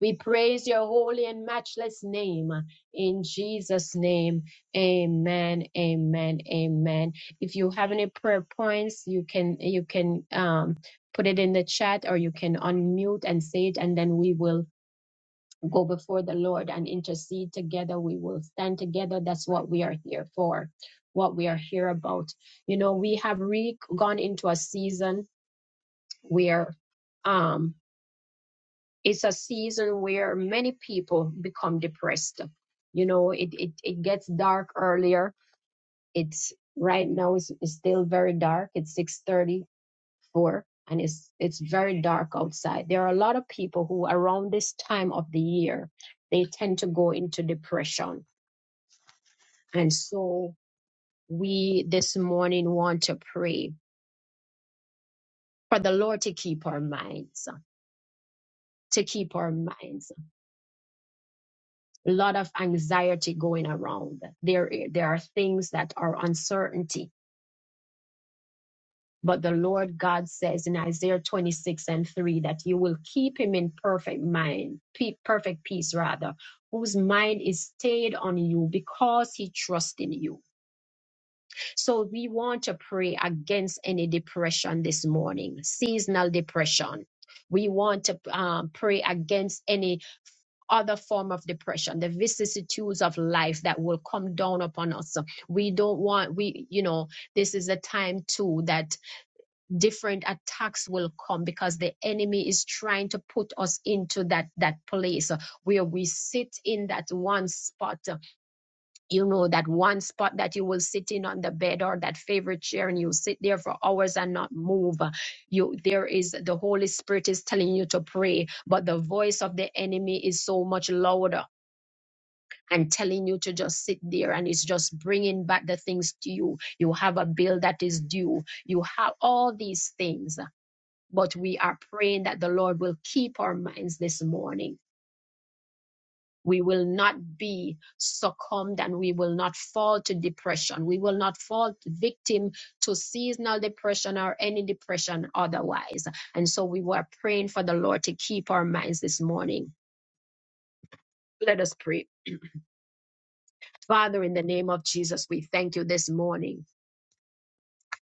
We praise your holy and matchless name in Jesus' name. Amen. Amen. Amen. If you have any prayer points, you can you can um, put it in the chat or you can unmute and say it, and then we will go before the Lord and intercede together. We will stand together. That's what we are here for. What we are here about. You know, we have re- gone into a season where um, it's a season where many people become depressed. You know, it, it, it gets dark earlier. It's right now it's, it's still very dark. It's 634 and it's, it's very dark outside. There are a lot of people who around this time of the year, they tend to go into depression. And so we this morning want to pray for the Lord to keep our minds, to keep our minds. a lot of anxiety going around. There, there are things that are uncertainty. But the Lord God says in Isaiah 26 and 3 that you will keep him in perfect mind, perfect peace rather, whose mind is stayed on you because he trusts in you. So we want to pray against any depression this morning, seasonal depression. We want to um, pray against any other form of depression, the vicissitudes of life that will come down upon us. We don't want, we, you know, this is a time too that different attacks will come because the enemy is trying to put us into that, that place where we sit in that one spot, you know, that one spot that you will sit in on the bed or that favorite chair and you sit there for hours and not move you there is the holy spirit is telling you to pray but the voice of the enemy is so much louder and telling you to just sit there and it's just bringing back the things to you you have a bill that is due you have all these things but we are praying that the lord will keep our minds this morning we will not be succumbed and we will not fall to depression we will not fall victim to seasonal depression or any depression otherwise and so we were praying for the lord to keep our minds this morning let us pray father in the name of jesus we thank you this morning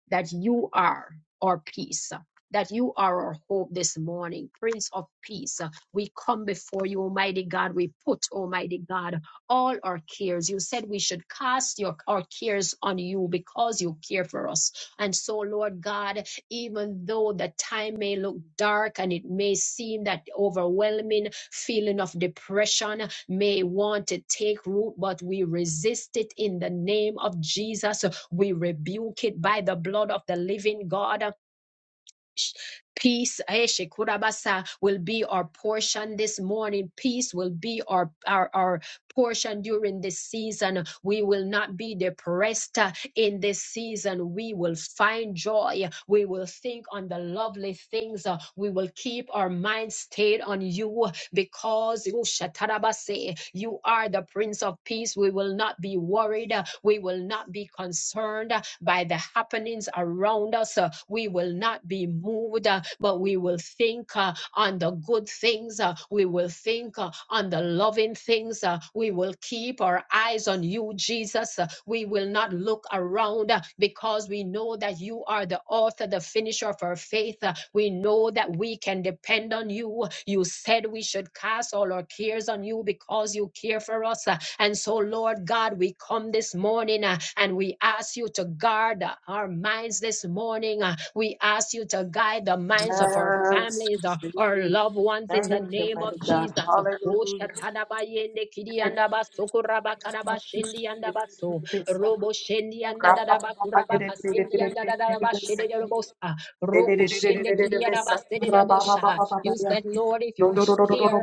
that you are our peace, that you are our hope this morning. Prince of Peace, we come before you, Almighty God. We put, Almighty God, all our cares. You said we should cast your, our cares on you because you care for us. And so, Lord God, even though the time may look dark and it may seem that overwhelming feeling of depression may want to take root, but we resist it in the name of Jesus. We rebuke it by the blood of the living God. Peace eh, shikurabasa, will be our portion this morning. Peace will be our, our, our portion during this season. We will not be depressed uh, in this season. We will find joy. We will think on the lovely things. Uh, We will keep our mind stayed on you because ooh, shatarabase, you are the Prince of Peace. We will not be worried. uh, We will not be concerned uh, by the happenings around us. uh, We will not be moved, uh, but we will think uh, on the good things. uh, We will think uh, on the Lord loving things. uh, we will keep our eyes on you, Jesus. uh, we will not look around uh, because we know that you are the author, the finisher of our faith. uh, we know that we can depend on you. You said we should cast all our cares on you because you care for us. uh, and so, Lord God, we come this morning uh, and we ask you to guard uh, our minds this morning. uh, We ask you to guide the minds of our families, uh, our loved ones in the
you,
name
my
of
God.
Jesus. Oh, shatadabayende kidiyandabasokorabakadabashendiyandabaso,
Hallelujah. Rabba
roboshendiyandadarabakurabakasendiyandadadabashededebosa, rokoshende kidiyadabasededebosha. You said, Lord, if you care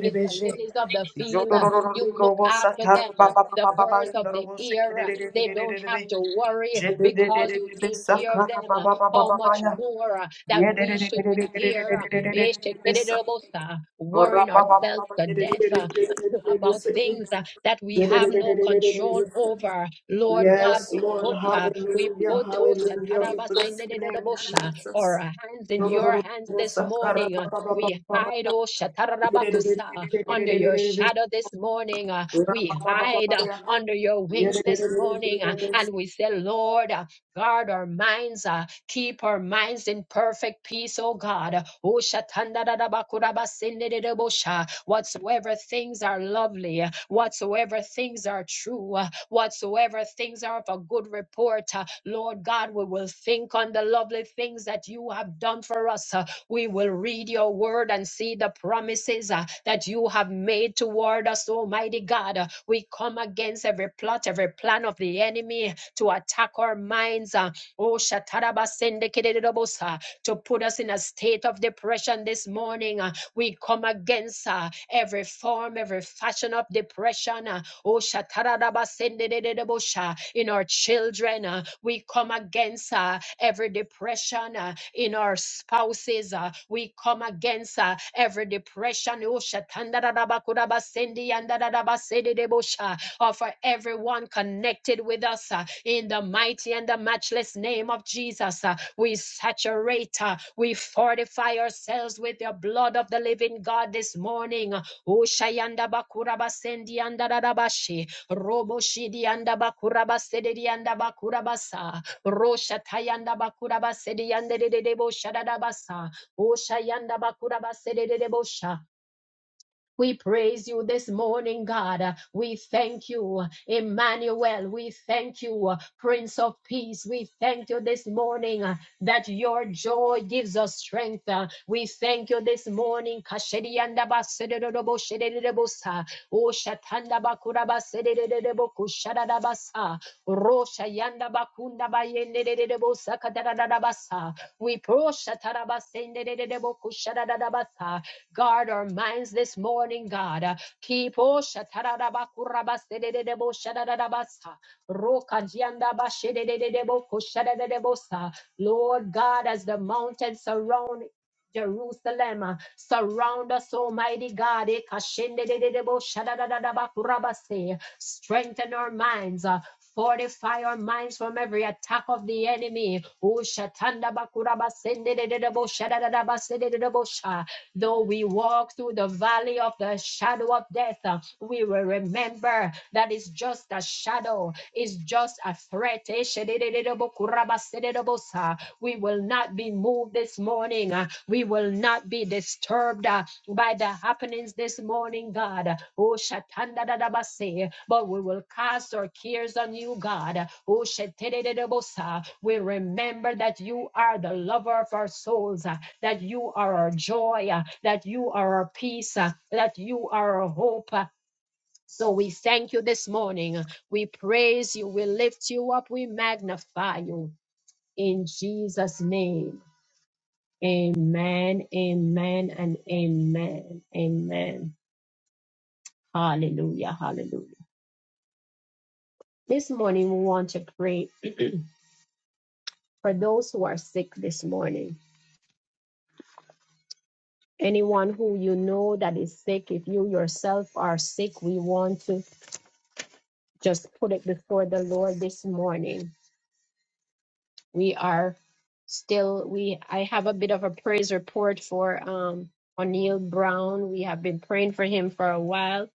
if the lilies of the field, uh, you look after them, uh, the birds of the air, uh, they don't have to worry because you take care of them. uh, How much more uh, that we should be here, uh, Eshekiribosa, worrying ourselves to death uh, about things uh, that we have no control over. Lord God,
Yes,
we
Lord.
put, uh, we
Hallelujah.
put oh,
Hallelujah. We bless your name,
Shatarabasindidididobosha, our
Jesus.
hands in your hands this morning. uh, we hide, oh Shatarabakusa, under your shadow this morning. uh, We hide uh, under your wings this morning. uh, And we say, Lord, uh, guard our minds, uh, keep our minds in perfect peace, oh God. Oh Shatandarabakurabasindedebosha, Whatsoever things are lovely, uh, whatsoever things are true, uh, whatsoever things are of a good report, uh, Lord God, we will think on the lovely things that you have done for us. uh, we will read your word and see the promises uh, that you have made toward us, Almighty God. Uh, We come against every plot, every plan of the enemy to attack our minds. uh, Oh, to put us in a state of depression this morning. uh, We come against uh, every form, every fashion of depression. uh, Oh, shatarabasendededebosha. in our children, uh, we come against uh, every depression uh, in our spouses. uh, we come against uh, every depression. Oh, shatandadadabakudabasendiandadadabasededebosha. Uh, for everyone connected with us uh, in the mighty and the matchless name of Jesus. uh, we saturate, uh, we fortify ourselves with the blood of the living God this morning. Ushayanda bakura basendi anda rarabashe. Robo shidi anda bakura basedi anda bakura basa. Rosha tayanda bakura basedi anda de de de bosha rarabasa. Ushayanda bakura basedi de bosha. We praise you this morning, God. Uh, We thank you, Emmanuel. We thank you, uh, Prince of Peace. We thank you this morning uh, that your joy gives us strength. Uh, We thank you this morning. Kashediandaba sedededebo shedededebosa. We prosha Guard our minds this morning, God. Uh, Keep oh Lord God, as the mountains surround Jerusalem, uh, surround us, Almighty God. Eh, Strengthen our minds. uh, Fortify our minds from every attack of the enemy. Oh, uh, though we walk through the valley of the shadow of death, uh, we will remember that it's just a shadow, it's just a threat. Eh, We will not be moved this morning. uh, We will not be disturbed uh, by the happenings this morning, God. Oh, shatandadadabase. But we will cast our cares on you, God. Oh, shetedededebosa. We remember that you are the lover of our souls. uh, that you are our joy, uh, that you are our peace, uh, that you are our hope. uh. So we thank you this morning. We praise you. We lift you up. We magnify you. In Jesus' name. Amen, amen, and amen, amen. Hallelujah, hallelujah. This morning we want to pray for those who are sick this morning. Anyone who you know that is sick, if you yourself are sick, we want to just put it before the Lord this morning. We are still we I have a bit of a praise report for um O'Neill Brown. We have been praying for him for a while.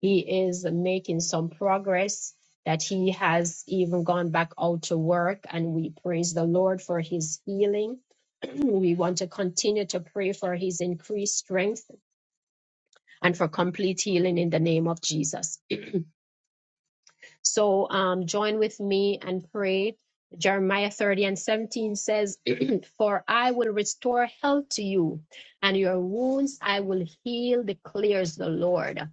He is making some progress that he has even gone back out to work and we praise the Lord for his healing. we want to continue to pray for his increased strength and for complete healing in the name of Jesus. So um, join with me and pray. Jeremiah 30 and 17 says, For I will restore health to you, and your wounds I will heal, declares the Lord.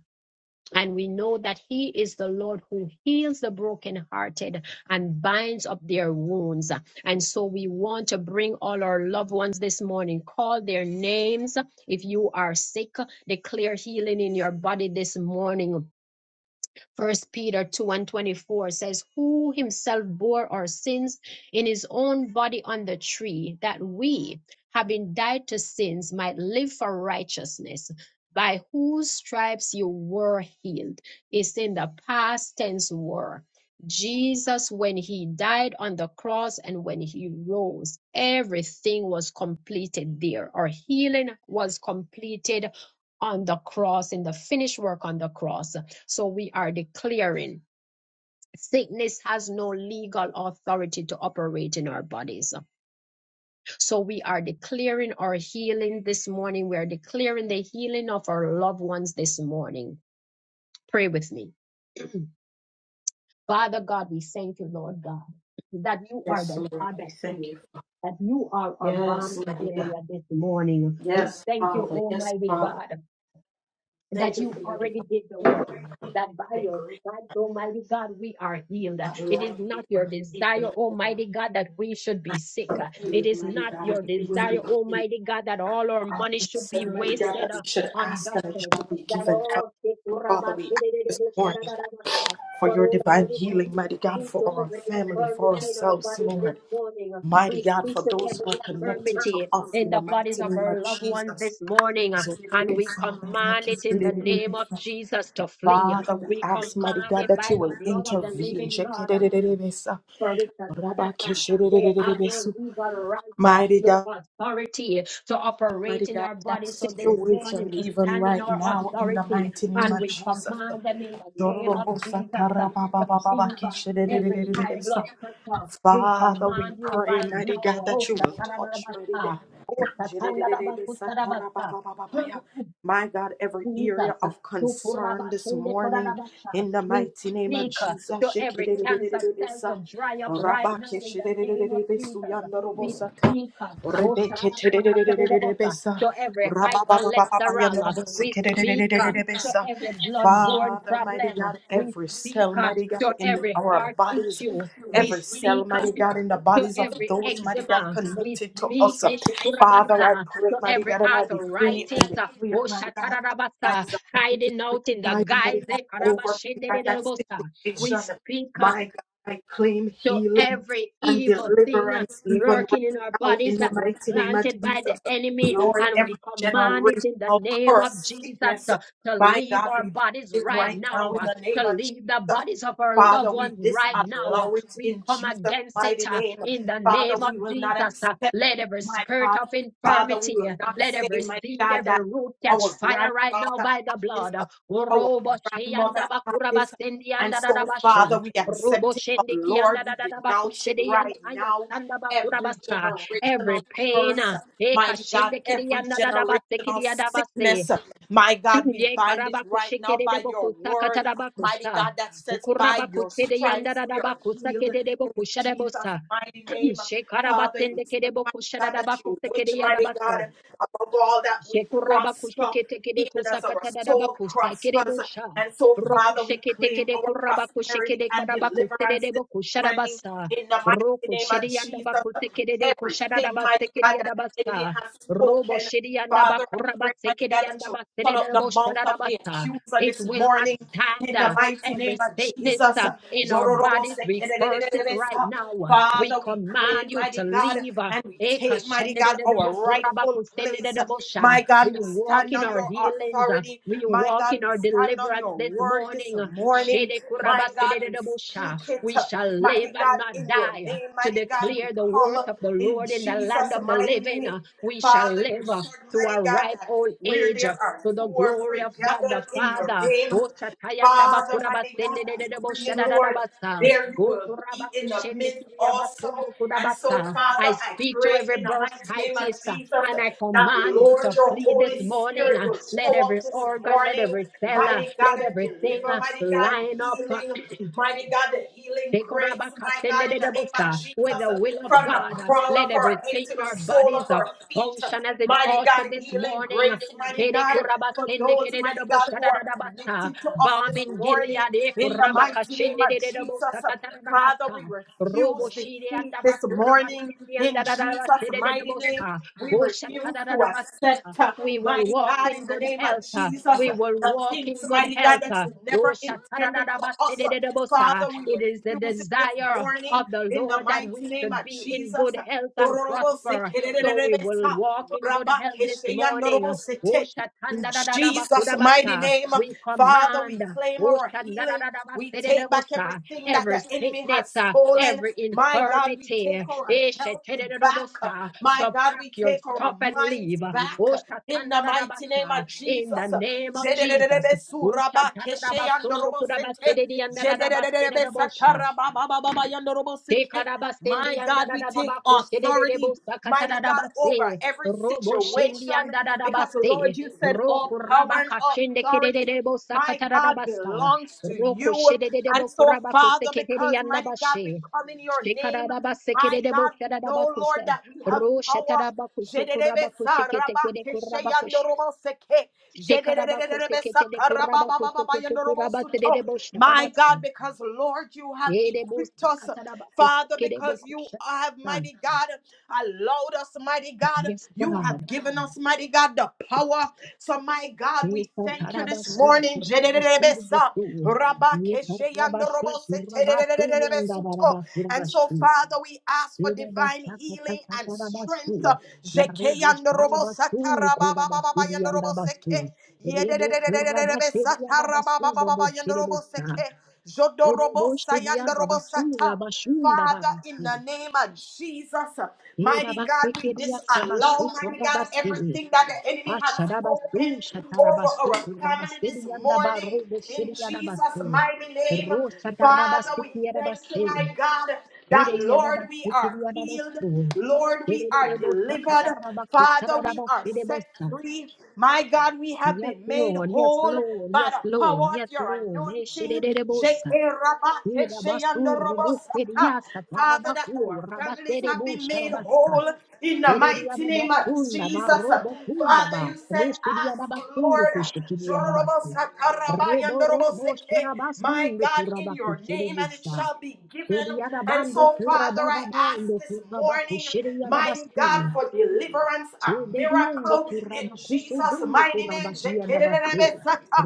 And we know that He is the Lord who heals the brokenhearted and binds up their wounds. And so we want to bring all our loved ones this morning, call their names. If you are sick, declare healing in your body this morning First Peter 2 and 24 says, Who himself bore our sins in his own body on the tree, that we, having died to sins, might live for righteousness. By whose stripes you were healed. It's in the past tense were. Jesus, when he died on the cross and when he rose, everything was completed there. Our healing was completed on the cross, in the finished work on the cross. So we are declaring sickness has no legal authority to operate in our bodies. So we are declaring our healing this morning. We are declaring the healing of our loved ones this morning. Pray with me. Father God, we thank you, Lord God, that you are the God that
Thank you.
heals. That you are our
Yes,
balm in
mighty God.
Gilead this morning. We
Yes,
thank you,
Father. Yes,
Almighty
Father.
God.
Thank
that
you
you
for your divine.
already did the
favor,
work.
mighty God.
That by
Your
your
grace,
stripes, Almighty God, we are healed.
that
It
Lord,
is
we
not your
are eager,
desire,
mighty
Almighty God, that we should be sick. It is not
God.
your
We will
desire,
be
Almighty God, that all our
Um,
money
you
should be
said, mighty God,
wasted uh,
we should
on
ask and it
doctors.
shall be
That
given.
all sick, but
Father,
Almighty
we ask this morning for your divine
God,
healing,
we
mighty God,
speak
for
to
our
every
family, for
infirmity in our
ourselves,
bodies this
Lord.
morning.
Mighty
We
God,
speak
for
to
those
every
who are connected to
infirmity
us
in
in the
the bodies
mighty
of
name
our
of
loved ones
Jesus.
this morning. And we command it in the name of Jesus to flee.
Father, we
We
ask, mighty
command
God,
it
that
by
you will
the blood of the
intervene.
living God. For it is better. They have no legal right, uh,
Mighty God,
no authority to
Mighty
operate in
God,
our
in that
body. So this
situation,
morning we
even
stand in
right
our
now, in the
authority
mighty name
and
of
we
Jesus.
command them in the name of Jesus uh, to leave us. Every high blood pressure, we
Father, we
command you
pray,
right
mighty
now.
God, that
Oh,
you will touch, mighty God.
satanabasa. Oh, satanabasa.
Jidididididisatarababababayah. My God, every
Jesus.
area of concern this morning, in the
We
mighty name of
speak uh,
Jesus.
to every cancer cell
Shikidididididididisa.
to dry up right now in the name of Jesus. We
Rabakishididididididibisuyandarobosata.
speak uh, oh, shakarabakadedabasa,
Rebekitididididididibisa.
to every high cholesterol. uh, We speak uh, to
Rabababababababaya,
every bloodborne
Father, mighty
problem. uh,
God,
We
every
speak
cell,
uh,
mighty God,
to
in
every
our
heart
bodies,
issue. We
every cell,
speak uh,
mighty God, in the
to
bodies of
every
those, mighty God,
eczema. We
connected to us.
speak
Father, I pray,
to
mighty
every
God, and I decree
arthritis,
and
uh,
declare,
oh,
my God,
shatarabasa,
Isaiah
hiding
53,
out in the
mighty
guise.
God,
eh,
over God, that
karabashindedebosa. We
situation.
speak. uh,
My God, I claim
to
healing
every
and
evil thing uh,
deliverance even
lurking in
right
our
now
bodies
in the
that was
mighty name of
planted by the
Jesus.
enemy.
Lord,
And
every
we command it in the
generational
name of
curse,
Jesus
sickness,
uh, to
my
leave
God,
our
we
bodies
it
right
right
now,
now in
uh,
the
to
name of
leave the
Jesus.
bodies of our
Father,
loved
we
ones right now. uh,
disallow it
we
in
come
Jesus'
against it
mighty
uh,
name.
in the
Father,
name of
we will not
Jesus. uh,
accept
Let
it,
every
my
spirit
God.
of
Father, we
infirmity,
will
uh,
not
let
say,
every
my
seed,
God, that
every root catch
our
fire right
grandfather
now
had
by the
this,
blood. uh,
our
Orobo
grandmother
sheyanda
had
bakura
this.
basendi
And
yanda
so,
dadabasho.
Father, we
Robo
accept it. But
shende
Lord,
kianda da da
we
da ba
denounce it
kushede yanda
right
aya
now.
sanda ba
Every
kurabasa. Every
generational
pain,
curse,
uh, eka
mighty God,
shende kede
every
yanda da da ba se kede
generational
yanda ba se.
sickness. My God, we
Ye
bind it
karaba
right now
kushekede de
by
bo
your
kusa
word,
katara ba
mighty
kusa.
God, that says, By
Ukuraba
your
kushede yanda
stripes
da
we
da ba
are
kusa
healed
kede de bo
in
kushada
Jesus'
bosa.
mighty name.
She karaba
Father, you
sende
said,
kede bo
mighty
kushada
God,
da
that
ba
you
kusa
wish,
kede yanda
mighty
basa.
God, above all that we prosper, even as our soul prospers.
Shekurabako-sheketekedekusakatadadabakusakerebosha.
And so, Father, we claim our prosperity and deliverance this morning
Roku-sheketekedekurabako-shekedekarabako-sededebokushadabasa.
in the mighty name of Jesus. Everything, mighty God, that the enemy
Roku-shediyandabako-sekededekushadadabasekediyadabasa.
has spoken. Father, I pray, mighty God, that you shut up the mouth of the
Robo-shediyandabakurabasekediyandabasedereboshadadabasa.
accuser
It
this
will not
morning
stand.
in the mighty
Every
name of
sickness
Jesus.
uh, in our bodies, we curse it right
Jororobosekererererebesa.
now. We
Father, we
command
claim,
you
mighty
to
God,
leave.
and we take, mighty God, our rightful place.
Ekashandedededebokorabakusenededebosha.
My God,
We
we
walk
stand
in
on
our
your
healings. uh,
authority.
We
My
walk
God,
in
we
our
stand on
deliverance
your
this
word this
morning. uh,
morning. My God, we
Shedekurabasedededebosha.
speak it.
We shall live
Mighty
and
God,
not
in your
die uh,
name,
to
mighty God, we
declare the
come
words of the
in
Lord in the land
Jesus'
of the
mighty
living.
name.
uh, We shall
Father, you
live uh,
said,
to a
mighty God,
ripe
that
old
where
age.
there
uh,
are
To
two
the
or
glory
three
of God the
gathered in your
Father.
name,
O Shatayanda
Father, mighty God, I pray, Lord,
Bakurabasenedededeboshadadadabasa.
there you
O
will be in the midst also. And so,
Kurabakushendekinyabasundukudabasa.
Father,
I
I
speak to
pray
every
in the mighty name of
bursitis uh,
Jesus
and I
that,
command you
Lord,
to
your
flee this
Holy
morning.
Spirit
uh,
will
Let
show
every
up this
organ, let
morning,
every cell, uh,
mighty God,
let
and
everything
deliver,
uh,
mighty God,
line up. uh,
healing, mighty God, the healing grace, my God, in the name of
Ekorabakasenedebosa, With
Jesus
the will of
from the
God, uh,
crown
let
of her head
everything
to
in
the
our
sole
bodies
of
uh,
her feet.
function as it
Mighty
ought to
God,
this
healing
morning.
grace, mighty God, for those, mighty God, who are
Edekorabasendekedededeboshadadadabasa,
connected to us
Balm
this
in
morning.
Gilead,
In the mighty name of
Ekorabakashendedededebosa
Jesus, Father, we
katarabasa,
refuse defeat this morning. In Jesus' mighty name,
Roboshideandabakurabashendeandadadabashedededebosa,
we refuse to
Oshatadadadabasa.
accept, uh,
we will
mighty
walk
God, in
in
the
good
name of
health. uh,
Jesus,
we
uh,
will
the
walk in
things,
good
mighty God,
health.
that
Oh,
you never intended for us. Uh, Father,
shatarabastedebosa.
we
It is the
refuse it this
desire
morning
of the
in the
Lord that
mighty
we
name
should
of
be in
Jesus.
good health and prosper. So we will walk in good health this morning. Oh,
In Jesus' mighty
shatandadadabakudabasa.
name,
We
Father, we
command
claim
oh,
our healing. We take back
shandadadadabastedebosa,
everything that
every
the enemy
sickness,
has
uh,
stolen.
every
My God, we
infirmity, eh,
take our health back.
shetedebosa,
My
to
God,
pack
we
your
take our
stuff and
minds
leave.
back.
Oh,
In the mighty name
shatandadadabasa,
of
In the
Jesus.
name of Jesus. Oshatarabasundukurabasedidiandarabasedidiabosha.
My God, we take authority, mighty God, over
Tekarabasendiandarabakosedidiabosakatarabase.
every situation because, Lord,
Roboshindiandarabase.
you said all
Roku
power and
rabaka chende
authority,
kedede bosa
my God, belongs
Oh, shatandadabasundukurabasedidiandadadabasedadabosha, tekarabasendiandadadabakusedededebosakatarabase, roboshindiandadadabase, rokurabakachendekedededebosakatarabasa,
to you. And so, Father, because, mighty God, we
rokushedededebokurabakusekededeyandabashe,
come in your name, my God, we know, Lord,
shekarabasekededebosadabakusa,
that we have power. Jededebe saraba keshe
roshekarabakusukurabakosheketekedekurabakoshe.
yandorobo seke.
Shekarabakoste kete de
sakaraba ba ba
korabakoste
ba ba
kote korabaste de de boshna
My
rabasta.
God, because Lord, you have
E de
equipped
bosta
us,
katarabakoste
Father,
kede
because you
bokusha
have,
rabasta.
mighty God, allowed us, mighty God.
Yes,
You
God.
have given us, mighty God, the power. So, my God,
Yes,
we
boştu.
thank you this
Tarabasu,
morning.
Kurabasu,
Jedededebe sa.
Butu.
Rabakeshe
Kurabasu,
yandorobose
Kurabasu,
terererererebesuto.
Yandaraba,
And so,
Kurabasu.
Father, we ask for divine
Kurabasa,
healing and strength.
Katarabasu.
Jeke
Rebe
yandorobosa
sharabasu korabasu
tarabababa
yanda Tarabasu,
yandoroboseke.
Kurabasu, Yandabasu. yanda Kurabasu,
Yederererererebesa
Yandabasu, Rabu,
tarabababa
Shiribusta.
yandoroboseke. Jodorobosa
Oroboshidia Babasura
yandorobosata.
Bashunda
Father, in the
Dabasi.
name of Jesus, mighty God, we
Erabasekeria
disallow,
Sabasu
mighty God,
Korabasi.
everything that the enemy has
Ashadabasu
spoken over our
Shatarabasu
family this
Kurabasidia and
morning.
Barobo
In
Shidia
Jesus'
Dabasu.
mighty name,
Rosa
Father, we
Tarabasitia
thank you, my
Dabasi.
God, that
Ere
Lord, we are
Yadabasitia
healed.
Dabasu.
Lord, we are
Erebota
delivered.
Katarabaku
Father, we are set
Tadabashidebosa.
free. My God, we have
Yes,
been made
Lord, yes,
whole
Lord,
By by
yes,
the
Lord,
power of
yes,
your
Lord.
anointing.
Eshedebosa. Irabasu
Jekerabakeshayandorobosaka.
rubuseriasa
Father, that
parabaku
our families have
rabaserebu
been made
sharabasa.
whole in the mighty
Ereriada
name of
basunda
Jesus.
barobo kunda
Father,
ba.
you said,
Rushiriada
Ask,
basundu
Lord.
kushikiriada basu. Rebo robo
Jorobosakarabayandoroboseke. My
sharabasundu
God, in
kurabaku
your name, and it
shiribusa.
shall be given.
Eriada
And
bandu
so, Father, I
kurabada
ask
bandu
this
kurabaku
morning,
shiriada
my
basu.
God, for deliverance deliverance, a
Chedediondo
miracle in
kuraba
Jesus'
kusodondo
mighty
kuraba
name.
kianda base.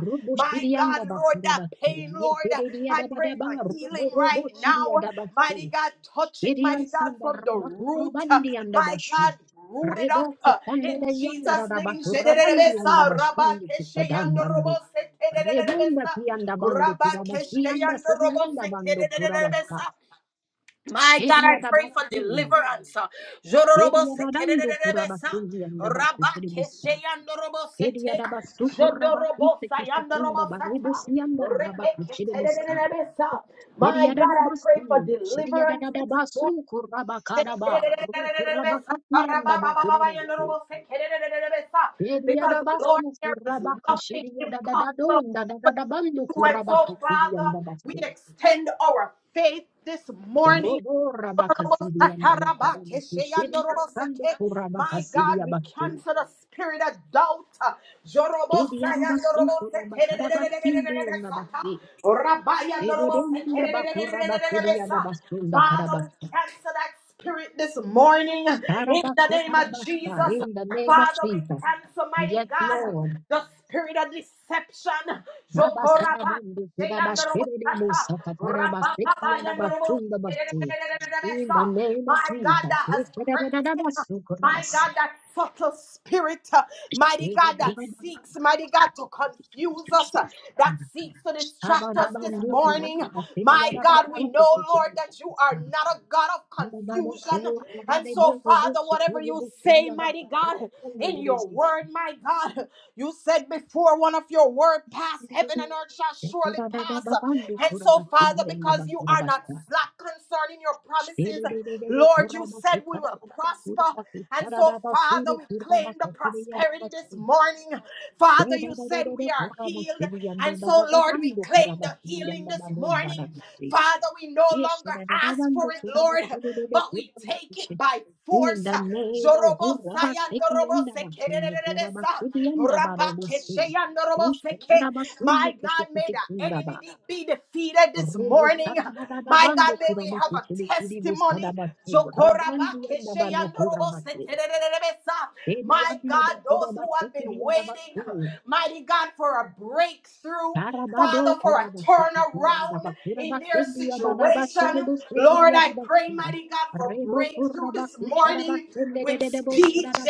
Robo
My God,
shirianda
Lord,
bakura
that
base.
pain, Lord,
Yepededia
I pray
dabadaba
for
robo
healing
robo
right now.
shiria dabase.
Mighty God, touch it,
Irian
mighty God,
sanda
from the root.
rabakurabandi andabashu. anda
My
bashu.
God, root it
Rebo
up uh,
kusanda
in
dayanda
Jesus'
raba
name.
kurabandi anda
rabakeshe
bashu kutadambando. Rebonda kianda bando kurabashi anda silianda bando kurabasa.
my God,
Shedia
I pray for
dabasu.
deliverance. Jororobo
Shedia dadando
sekererererebe-sa.
kurabasi anda bakushiribusa.
Rabakesheyandorobosete.
Eriadabasukurabakute kishukunda
Jodorobosayandorobosata.
barebo sianda rabakuchidebosa.
Repeketererererebe-sa. My God, I pray
Eriadadabasi,
for deliverance this morning.
sheriadadadabasukurabakaraba,
Sekerererererebe-sa.
rukurabakotianda bakirabasu.
Rababababayandorobosekererererebe-sa. Because, Lord,
Eriadabasu
there is
kurabaka
nothing impossible. to you.
sheriadadadadonda dadadabandu
And so,
kurabaka
Father,
sirianda
we
basu.
extend our faith this morning.
Robo rabaka
My
sirianda bakurabasu, sheriasande kurabaka
God, we
siriabasu.
cancel the spirit of doubt.
Eriadabasu kurabakarabashindu Eredeyanda bakura basediyada basunda
Father, we
karabasta.
cancel that spirit this morning in the
Karabasta
name of
karabasta
Jesus.
in the name of
Father, we
Jesus.
cancel, mighty
Yes,
God,
Lord.
the spirit of deception.
Baba sarabundi
My
kudabashperede musa katarabasekiyada basunda basi. In the name of
God,
Jesus.
that has crept
Ekeredeyada
in.
basu
My
kurabasa.
God, that subtle spirit, uh, mighty God, that
Ekeredeyada
seeks, mighty God, to confuse us, uh, that
kurabasa.
seeks to distract us this
Abadabandu
morning.
kurabasa
My
sediyada
God, we
basundu
know, Lord, that you are
kechediyada.
not a God of confusion. And so, Father, whatever you say, mighty God, in your word, my God. You said before one of your word pass, heaven and earth shall surely pass. And so, Father, because you are not slack concerning your promises, Lord, you said we will prosper. And so, Father, we claim the prosperity this
Yes,
morning. Father, you said we are healed. And so, Lord, we claim the healing this morning. Father, we no longer ask for it, Lord, but we take it by
In
force.
the name of Rabaseki and Abasun, Rabaseki and Abarobusi,
Jorobosayandorobosekerererebesa, my
Ushadabasundu
God, may
Kushikiti
the enemy
Kundaba,
de- be defeated this morning. My God,
Robostadabando
may we have a
Kurabakushi,
testimony.
Kiribustadabatu, Rabandi and Abanu Kurabati,
My
Ediabla
God, those who have been
Kurabaseki
waiting,
Yabatu,
mighty God, for a breakthrough,
Karabado
Father, for a
Kurabaseki and
turnaround in their
Abakurabaseki
situation.
Yabanabasurbuseki
Lord, I pray,
Yabasta,
mighty God, for
Rebo
breakthrough this morning with speed.
Kurabakushadabasende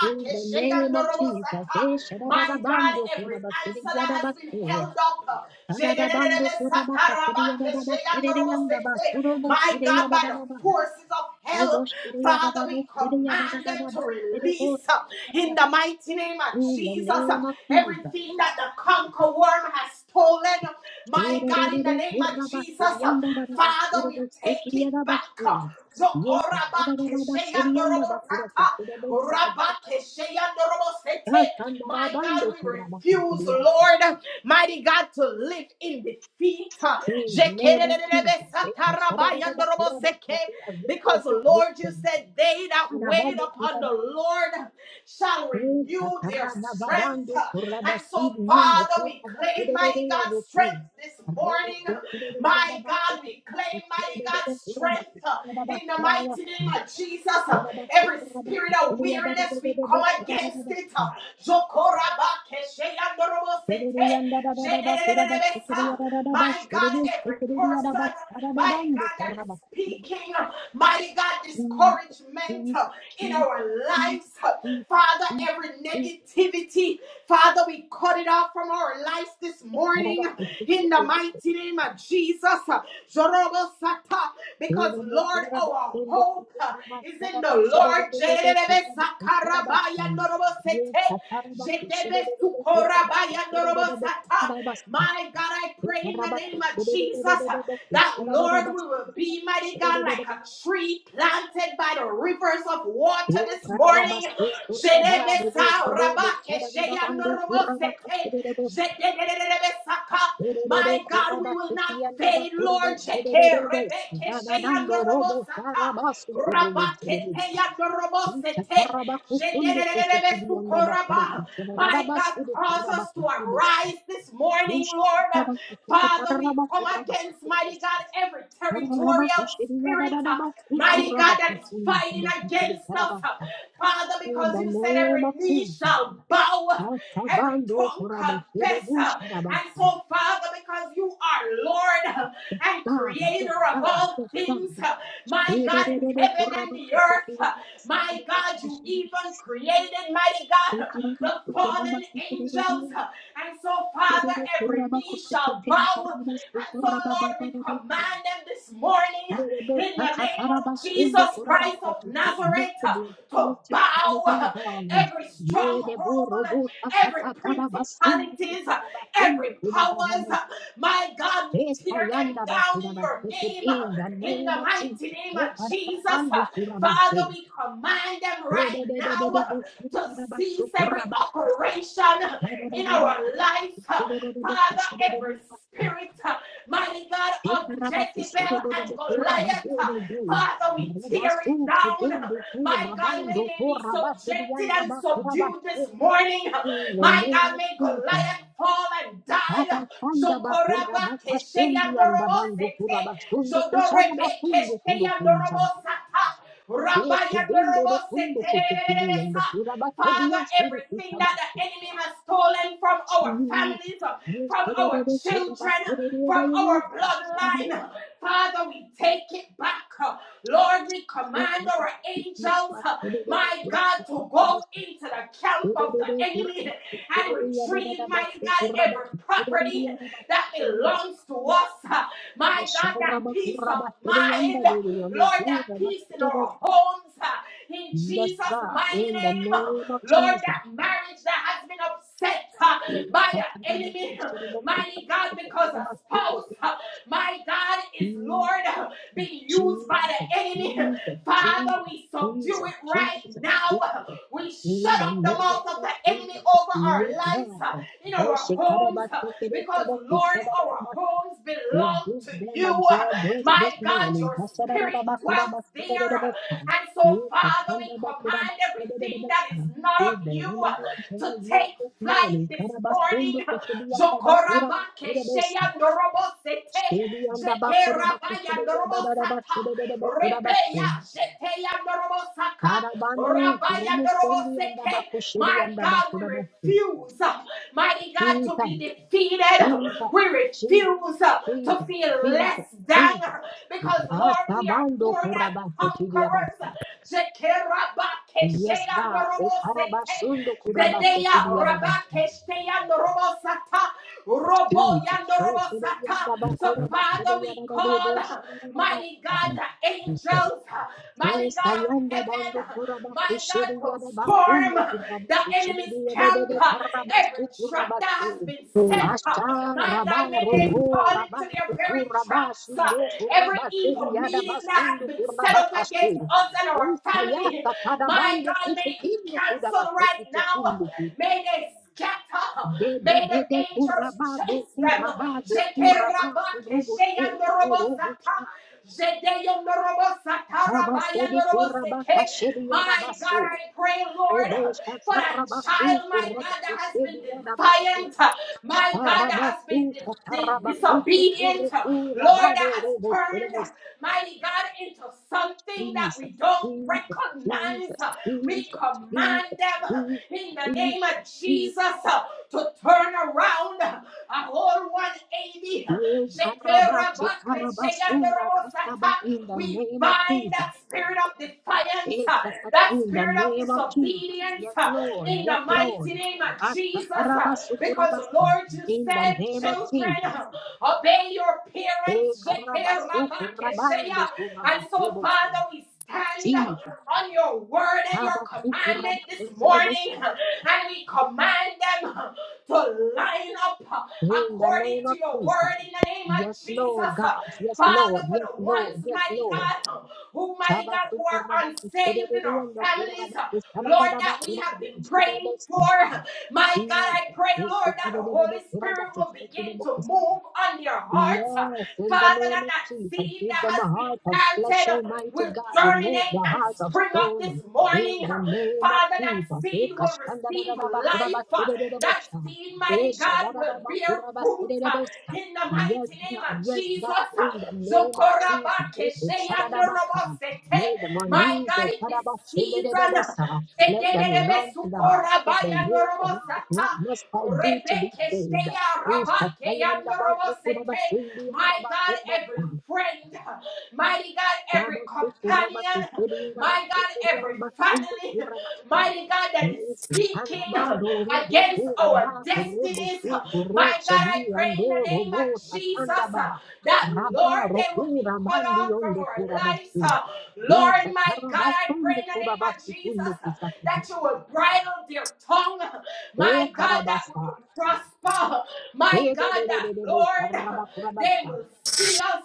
In the name of Jesus, eh,
My God,
shadadadabando
every answer that has been
kurabasiridiyadabaste,
held up.
shadadabando kurabakasiridiyadabasiridiyandaba,
My God, by the
shurobosiridiyadadadaba,
forces of hell. Father, we command them to
shurobosiridiyadadabasiridiyadadadaba,
release uh, in
shirobosakaridaba.
the mighty name of
In the
Jesus uh,
name of Jesus.
everything that the conquer worm has stolen. uh, My God, in the
shiriride
name of Jesus, uh,
kurabasiridiyandadadaba,
Father, we take it back.
shurobosiridiyadabasto.
uh,
Yes, shadadadaba, shiridiyandaba,
Zokorabakesheyandorobosata,
kurakisiridiyadabasakaridaba,
Rabakesheyandorobosete. My
shandarabando
God, we refuse, Lord, mighty God, to live in defeat.
In the name of Jesus, it does not make them. Kurabas,
Because, Lord, you said, they that wait upon the Lord shall renew their strength. And so, Father, we claim, mighty God, strength this morning. My God, we claim, mighty God, strength in the mighty name of Jesus. Every spirit of weariness, we come against it. My God, every person, mighty God that is speaking, mighty God,
Jesus, Jesus,
discouragement uh,
Jesus,
in our
Jesus,
lives. uh,
Jesus,
Father,
Jesus.
every
Yes,
negativity, Father, we cut it off from our lives this morning in the mighty name of Jesus. uh, Jorobo Sata, Because, Lord, our hope. uh, is in the Lord. Jedebe sakarabaya norobo sete. Jedebe sukorabaya norobo sata. My God, I pray in the name of Jesus uh, that, Lord, we will be, mighty God, like a tree planted by the rivers of water this morning.
Yes, Tererere
My God,
kuraba
we will not
sekiyanda ba
fade,
kuraba
Lord.
şererere bo.
Jekerebeke
Nananando robo
sheyanorobosaka.
şaraba sukurumu
Rabakete
şeremusa. Uça
yanorobosete.
karaba kusundu kusekiyanda ba kuru
Jekererebesukoraba.
kusunadara
My
ba
God,
şuru
cause
kuraba
us to
kusemes.
arise this morning,
Uça
Lord.
karaba kusuka
Father, we
taraba
come
kuraba
against, mighty
kusemes.
God, every
Karaba
territorial
kuşeriyada
spirit,
dada
uh,
ba
mighty
sukuraba
God, that is
kusundu
fighting
kuru kusere
against us.
karaba.
uh, Father,
In
because
the
you said
name
every
of
knee
Jesus.
shall bow, uh, every
Atabando
tongue
kuraba
confess.
serebu
uh,
şaraba.
And so, Father, because you are Lord uh, and
God, yes,
creator of
God,
all
yes, God.
things, uh, my
Take it
God, in heaven and the earth, uh, my God, you even created, mighty God the fallen angels. And so, Father, every knee shall bow. And so, Lord, we command them this morning in the name of Jesus Christ of Nazareth to bow every stronghold, every principalities, every powers. My God, we tear them down in your name,
in the
in
name
the
of
mighty name of Jesus. Father,
Jesus.
we command them
Yes,
right now to cease every operation in our life. Father, every spirit, mighty God, of Jezebel and Goliath, Father, we tear it down. My God, may they be subjected and subdued this morning. My God, may Goliath fall and die. Jokoraba Father, everything that the enemy has stolen from our families, uh,
Yes,
from our children, uh, from our bloodline, uh, Father, we take it back. uh. Lord, we command our angels, uh, my God, to go into the camp of the enemy and retrieve, my God, every property that belongs to us. uh. My God, that peace of mind, Lord, that peace in our homes. uh, in Jesus'
God,
mighty
in the
name. uh.
name of
Lord,
Jesus.
that marriage that has been upset uh, by the enemy, mighty God, because a spouse, uh, my God, is Lord, uh,
Jesus,
being used by
Jesus,
the enemy. Father,
Jesus,
we subdue
Jesus,
it right
Jesus,
now.
Jesus.
We
In
shut
the
up the
name
mouth of
of
the enemy
Jesus,
over our
yes,
lives,
God.
uh, in
Eh,
our homes,
Shekaraba,
uh, because
Tekereba,
Lord, our
Kuchadadadaba.
homes
We
belong
give
to
them
you.
a dry breath
My
this
God,
morning.
your spirit
Kashadadadaba,
dwells
Kuraba,
there.
Shadadadabosa.
And
We
so, Father, we
katandaba,
command
Kuraba,
everything that is
Shadadadabosa.
not
Give
of
the
you uh,
enemy a dry
to
wound
take
this
flight
morning.
this morning.
Karabasundu,
Jokorabakesheya norobosete,
Shirianda bakura
jekerabaya
bakusiria dadada
norobosata,
bashirere bakura basi.
rebeya jeteya norobosaka,
Rara bandu
rabaya
ikurumu sendi anda
noroboseke. My
bakushirianda
God, we
bakura basi.
refuse, uh, mighty God, to be
Jesus,
defeated.
Jesus,
We
Jesus,
refuse uh, to
Jesus,
feel
Jesus,
less
Jesus.
than. Because, Lord, we are
Asabando
more than
kurabase tiria
conquerors.
basi. Yes,
Jekerabakeshea
God.
norobosete.
Ekarabashundo kurabase
Zedeya
tiria basi.
rabakeshea norobosata. Robo ya
Jesus.
norobosata.
Esirianda
So,
bakura
Father,
basiria
we
dadade bo
call,
shirere
mighty
basi.
God, the angels, mighty God of
Sayanda bando
heaven,
kuraba
mighty God,
keshiri
to
yada
storm
bakundu kuraba
the
keshiri
enemy's
yada
camp,
dede karaba
every
su
trap
kuraba
that
su.
has been set.
Asha
My
raba
God, may they
roko
fall
raba
into
su
their very
kuraba
traps. uh,
shindo
Every
kuraba siri
evil
yada
meeting that
basundu
has been set
kuraba
up against
kashi.
us and our
Usa
family,
yasa
my
karabande
God, may it be
kushekindu kuraba
canceled right
sekiti
now.
kindu ku.
May they scatter.
Dede
May the
dede
angels
kuraba kurabado
chase them.
kuraba do kuraba
Jekerabake,
kurubu se urubu
sheyanorobosata,
sha. Abasedi kuraba kashiri yada
My
basu.
God, I pray, Lord,
Rebosta
for that
tarabasti
child, my God, that has
kurabasti
been
diadabasti.
defiant my God, that has
Starabasti
been dis- dis-
tarabasti
disobedient, Lord,
kurabadi
that has
robot
turned,
rebost.
mighty God, into something that we
Jesus,
don't
Jesus,
recognize.
Jesus,
We
Jesus,
command
Jesus,
them
Jesus,
in the name of
Jesus,
Jesus
Jesus.
to turn around a whole 180.
Ye karabachi karabasunda kastaba In the
We
name of
bind
Jesus.
that spirit of defiance,
Ekakata
that
In the
spirit of
name of Jesus.
disobedience
Yes, Lord.
in
Yes,
the
Lord.
mighty name of Jesus. Because,
Akatarabasukurabasa.
Lord, you
In the
said,
name of Jesus.
children, obey your
E
parents.
karabasu kurabando
And so,
kurabasebos.
Father, we stand
Jesus.
on your word and your
Abasu
commandment this
kurabasebos.
morning. And we command them to line up
In the
according
name
to
of
your
Jesus.
word in the name of
Yes, Lord
Jesus.
God. Yes,
Father,
Lord.
for
Yes,
the
Lord.
ones,
Yes,
mighty
Lord.
God, who, mighty God,
Shabasu
who are
kurabasu
unsaved in our
shedededeyendo
families,
kurabasu
Lord,
sababadaba
that we have
kurabasu
been praying
shedebos.
for. My God,
Jesus.
I pray,
Yes,
Lord, that the Holy
shedededede
Spirit
kurabasu
will begin to
shedebos.
move on your
Yes,
hearts. Father,
in the name
that
of
that
Jesus,
seed
give
that
them
has
a
been
heart of flesh,
planted
Almighty
will
God. Remove the
germinate and
heart of
spring up this
stone. In
morning.
the name of
Father, that
Jesus.
seed will receive life. That
Ekashandarabakurabasidididibusha.
seed, mighty God, will bear fruit uh,
Eshadarabakurabasididibusha.
in the mighty
Yes,
name
God,
of
yes,
Jesus.
God, in
uh,
the name of Jesus. Ekashadabasa.
Zokorabakesheyandorobosete.
May them
My
uneasy.
God, in this season.
Karabashidididibusha. Let them run to the house of the Lord. And ask, what must I do to be saved? Ushatayanda bandu kuraba sindi yanda
My God,
bakuraba sa.
every friend, mighty God,
Yaba
every
kuraba kaba su kuraba
companion,
kusiri yaraba
my
kusiri
God, every
yaraba sundu
family,
kuraba si.
mighty God, that is
Yesu
speaking
tanda bando robo
against our
kuraba kurobo
destinies.
su
My
kuro
God, I
shedi
pray in the
yando
name
robo
of Jesus
tatanda
uh,
ba.
that,
Raba
Lord, they will be
rokura
cut
bandi
off from
yondo
our
kuraba
lives.
si.
uh, Lord, my God,
Ushataraba
I pray
sundu
in the name
kuraba
of
si
Jesus
kundu
uh,
kusakudu.
that you would bridle their tongue.
E
My God, that we
karabasa.
would prosper.
De
My
de
God,
de de
that
de de de
Lord,
kuraba kuraba
they will see us,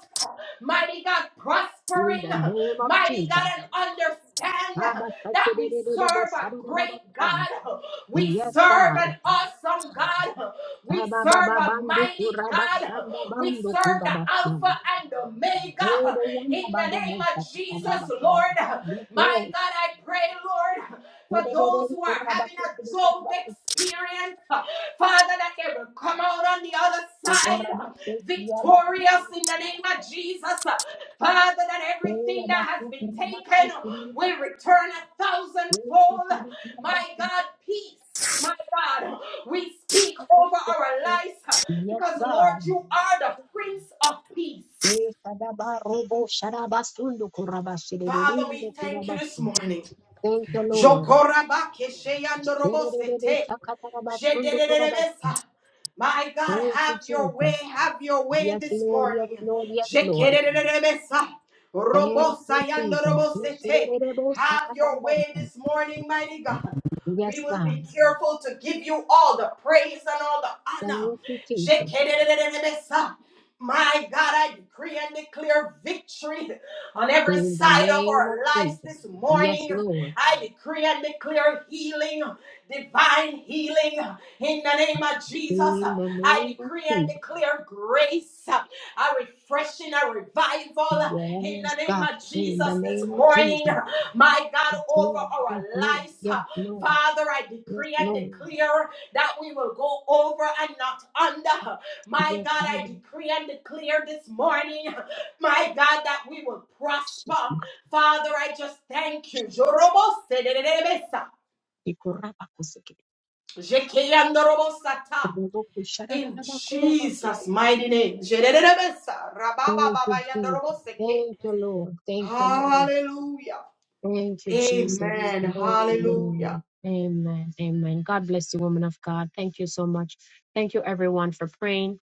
mighty God, prospering.
In the name of
Mighty
Jesus.
God, and understand that we serve a great
Abashakererererebo-shararabasa.
God. We
Yes,
serve
God.
an awesome God. We serve a mighty God. We serve the
Ababababandukurabasandabandukurabasa.
Alpha and Omega. In the name of Jesus,
Ebeyandabadobosakutarabakurabu.
Lord.
Yes,
My
yes.
God, I pray, Lord for those who are having a Job
Erererekurabasukurabasuku.
experience, uh, Father, that they will come out on the other side uh,
Kurabasukurabasuku.
victorious in the name of Jesus. Uh, Father, that everything that has been taken
Kurabasukurabasuku.
will return a thousandfold. My
Kurabasukurabasuku.
God, peace. My God, we speak over our lives uh,
Yes,
because, Lord,
God.
you are the Prince of Peace. Father, we thank you this
Esadabarobo-sharabasundukurabashiririyandukurabasi.
morning.
Thank you, Lord.
Jokoraba
Thank you,
kesheyandorobosete. Jedererebesa. My God, have your
Jesus.
way, have your way
Yes,
this
Lord. Yes,
morning.
Lord. Yes, Lord.
Jekererebesa.
Thank you, Jesus.
Robosayandorobosete. Have your way this morning, mighty God. We
Yes,
will
God.
be careful to give you all the praise and all the honor.
Thank you, Jesus.
Jekererebesa. My God, I decree and declare victory on every
In the
side of
name of
our lives
Jesus.
this
Yes,
morning.
Lord.
I decree and declare healing, divine healing in the name of Jesus.
In the
I
name of
decree and
Jesus.
declare grace, a refreshing, a revival in the
Yes,
name
God.
of
In
Jesus
the
this
name of
morning.
Jesus.
My God, over our
Yes, Lord.
lives.
Yes, Lord.
Father, I
Yes,
decree and
Lord.
declare that we will go over and not under.
Yes,
My God, I
Lord.
decree and declare this morning, my God, that we will prosper. Father, I just thank you. Jorobosedelebesa.
Yes, Lord.
Jekeyandorobosata.
Thank
In Jesus' mighty name. Jedelebesa.
you, Jesus.
Rababababayandoroboseke.
Thank you, Lord. Thank you, Lord.
Hallelujah.
Thank you, Jesus.
Amen. Hallelujah.
Amen. Amen. Amen. God bless you, woman of God. Thank you so much. Thank you, everyone, for praying.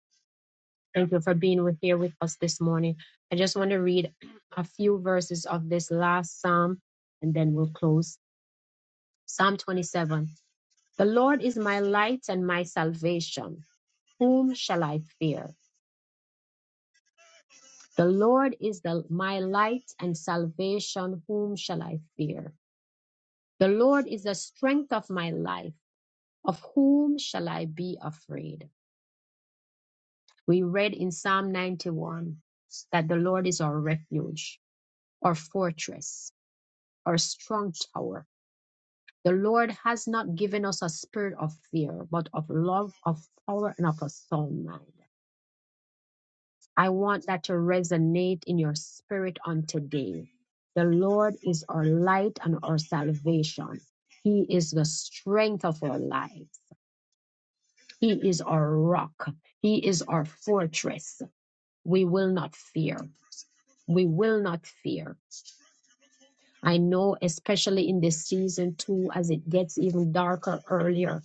Thank you for being with, here with us this morning. I just want to read a few verses of this last psalm and then we'll close. Psalm 27. The Lord is my light and my salvation. Whom shall I fear? The Lord is the, my light and salvation. Whom shall I fear? The Lord is the strength of my life. Of whom shall I be afraid? We read in Psalm 91 that the Lord is our refuge, our fortress, our strong tower. The Lord has not given us a spirit of fear, but of love, of power, and of a sound mind. I want that to resonate in your spirit on today. The Lord is our light and our salvation. He is the strength of our lives. He is our rock. He is our fortress. We will not fear. We will not fear. I know, especially in this season too, as it gets even darker earlier,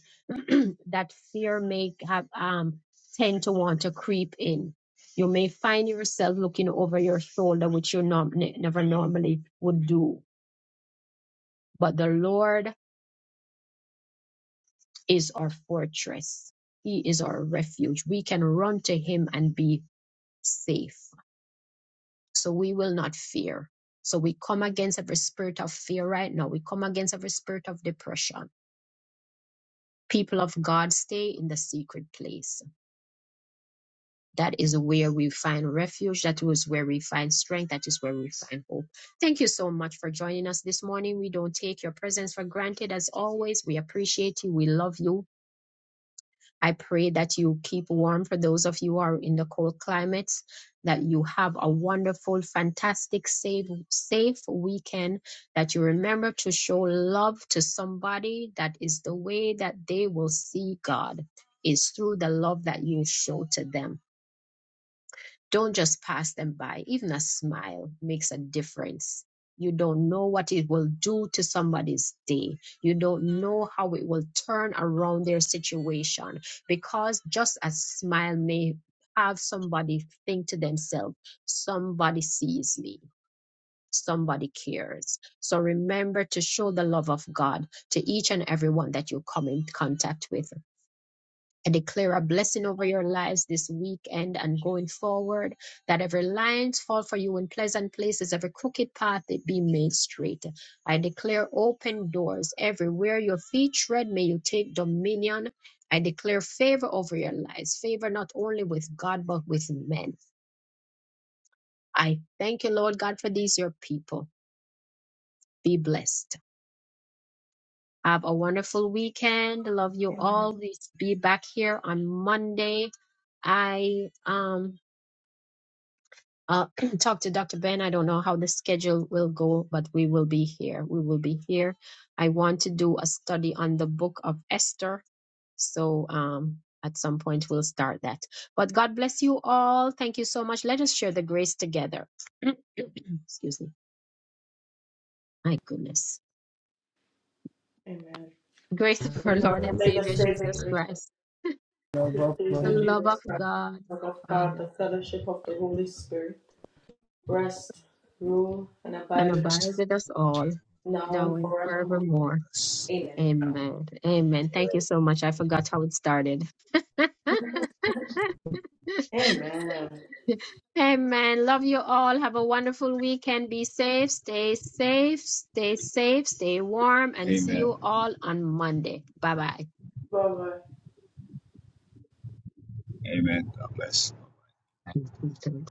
that fear may have um tend to want to creep in. You may find yourself looking over your shoulder, which you norm- ne- never normally would do. But the Lord is our fortress. He is our refuge. We can run to Him and be safe. So we will not fear. So we come against every spirit of fear right now. We come against every spirit of depression. People of God, stay in the secret place That is where we find refuge. That is where we find strength. That is where we find hope. Thank you so much for joining us this morning. We don't take your presence for granted as always. We appreciate you. We love you. I pray that you keep warm for those of you who are in the cold climates, that you have a wonderful, fantastic, safe, safe weekend, that you remember to show love to somebody. That is the way that they will see God is through the love that you show to them. Don't just pass them by. Even a smile makes a difference. You don't know what it will do to somebody's day. You don't know how it will turn around their situation because just a smile may have somebody think to themselves, somebody sees me, somebody cares. So remember to show the love of God to each and everyone that you come in contact with. I declare a blessing over your lives this weekend and going forward, that every lines fall for you in pleasant places, every crooked path it be made straight. I declare open doors everywhere your feet tread, may you take dominion. I declare favor over your lives, favor not only with God, but with men. I thank you, Lord God, for these, your people. Be blessed. Have a wonderful weekend. Love you all. We be back here on Monday. I um uh, talk to Dr. Ben. I don't know how the schedule will go, but we will be here. We will be here. I want to do a study on the book of Esther. So um, at some point, we'll start that. But God bless you all. Thank you so much. Let us share the grace together. Excuse me. My goodness.
Amen.
Grace of our
And now
Lord and
may the
Savior
saving
Jesus
grace of
Christ,
the
the
Savior
overflowed
love
Jesus
of
Christ,
God,
the love of God,
Father,
the fellowship of the Holy Spirit, rest, rule, and
and
abide with
abide
us
with us all
now
now
and
and
forevermore.
forevermore. Amen. Amen. Thank you so much. I forgot how it started. Amen. Love you all. Have a wonderful weekend. Be safe. Stay safe. Stay safe. Stay warm. And see
Amen.
you all on Monday. Bye
Amen.
Amen. God bless.
bye.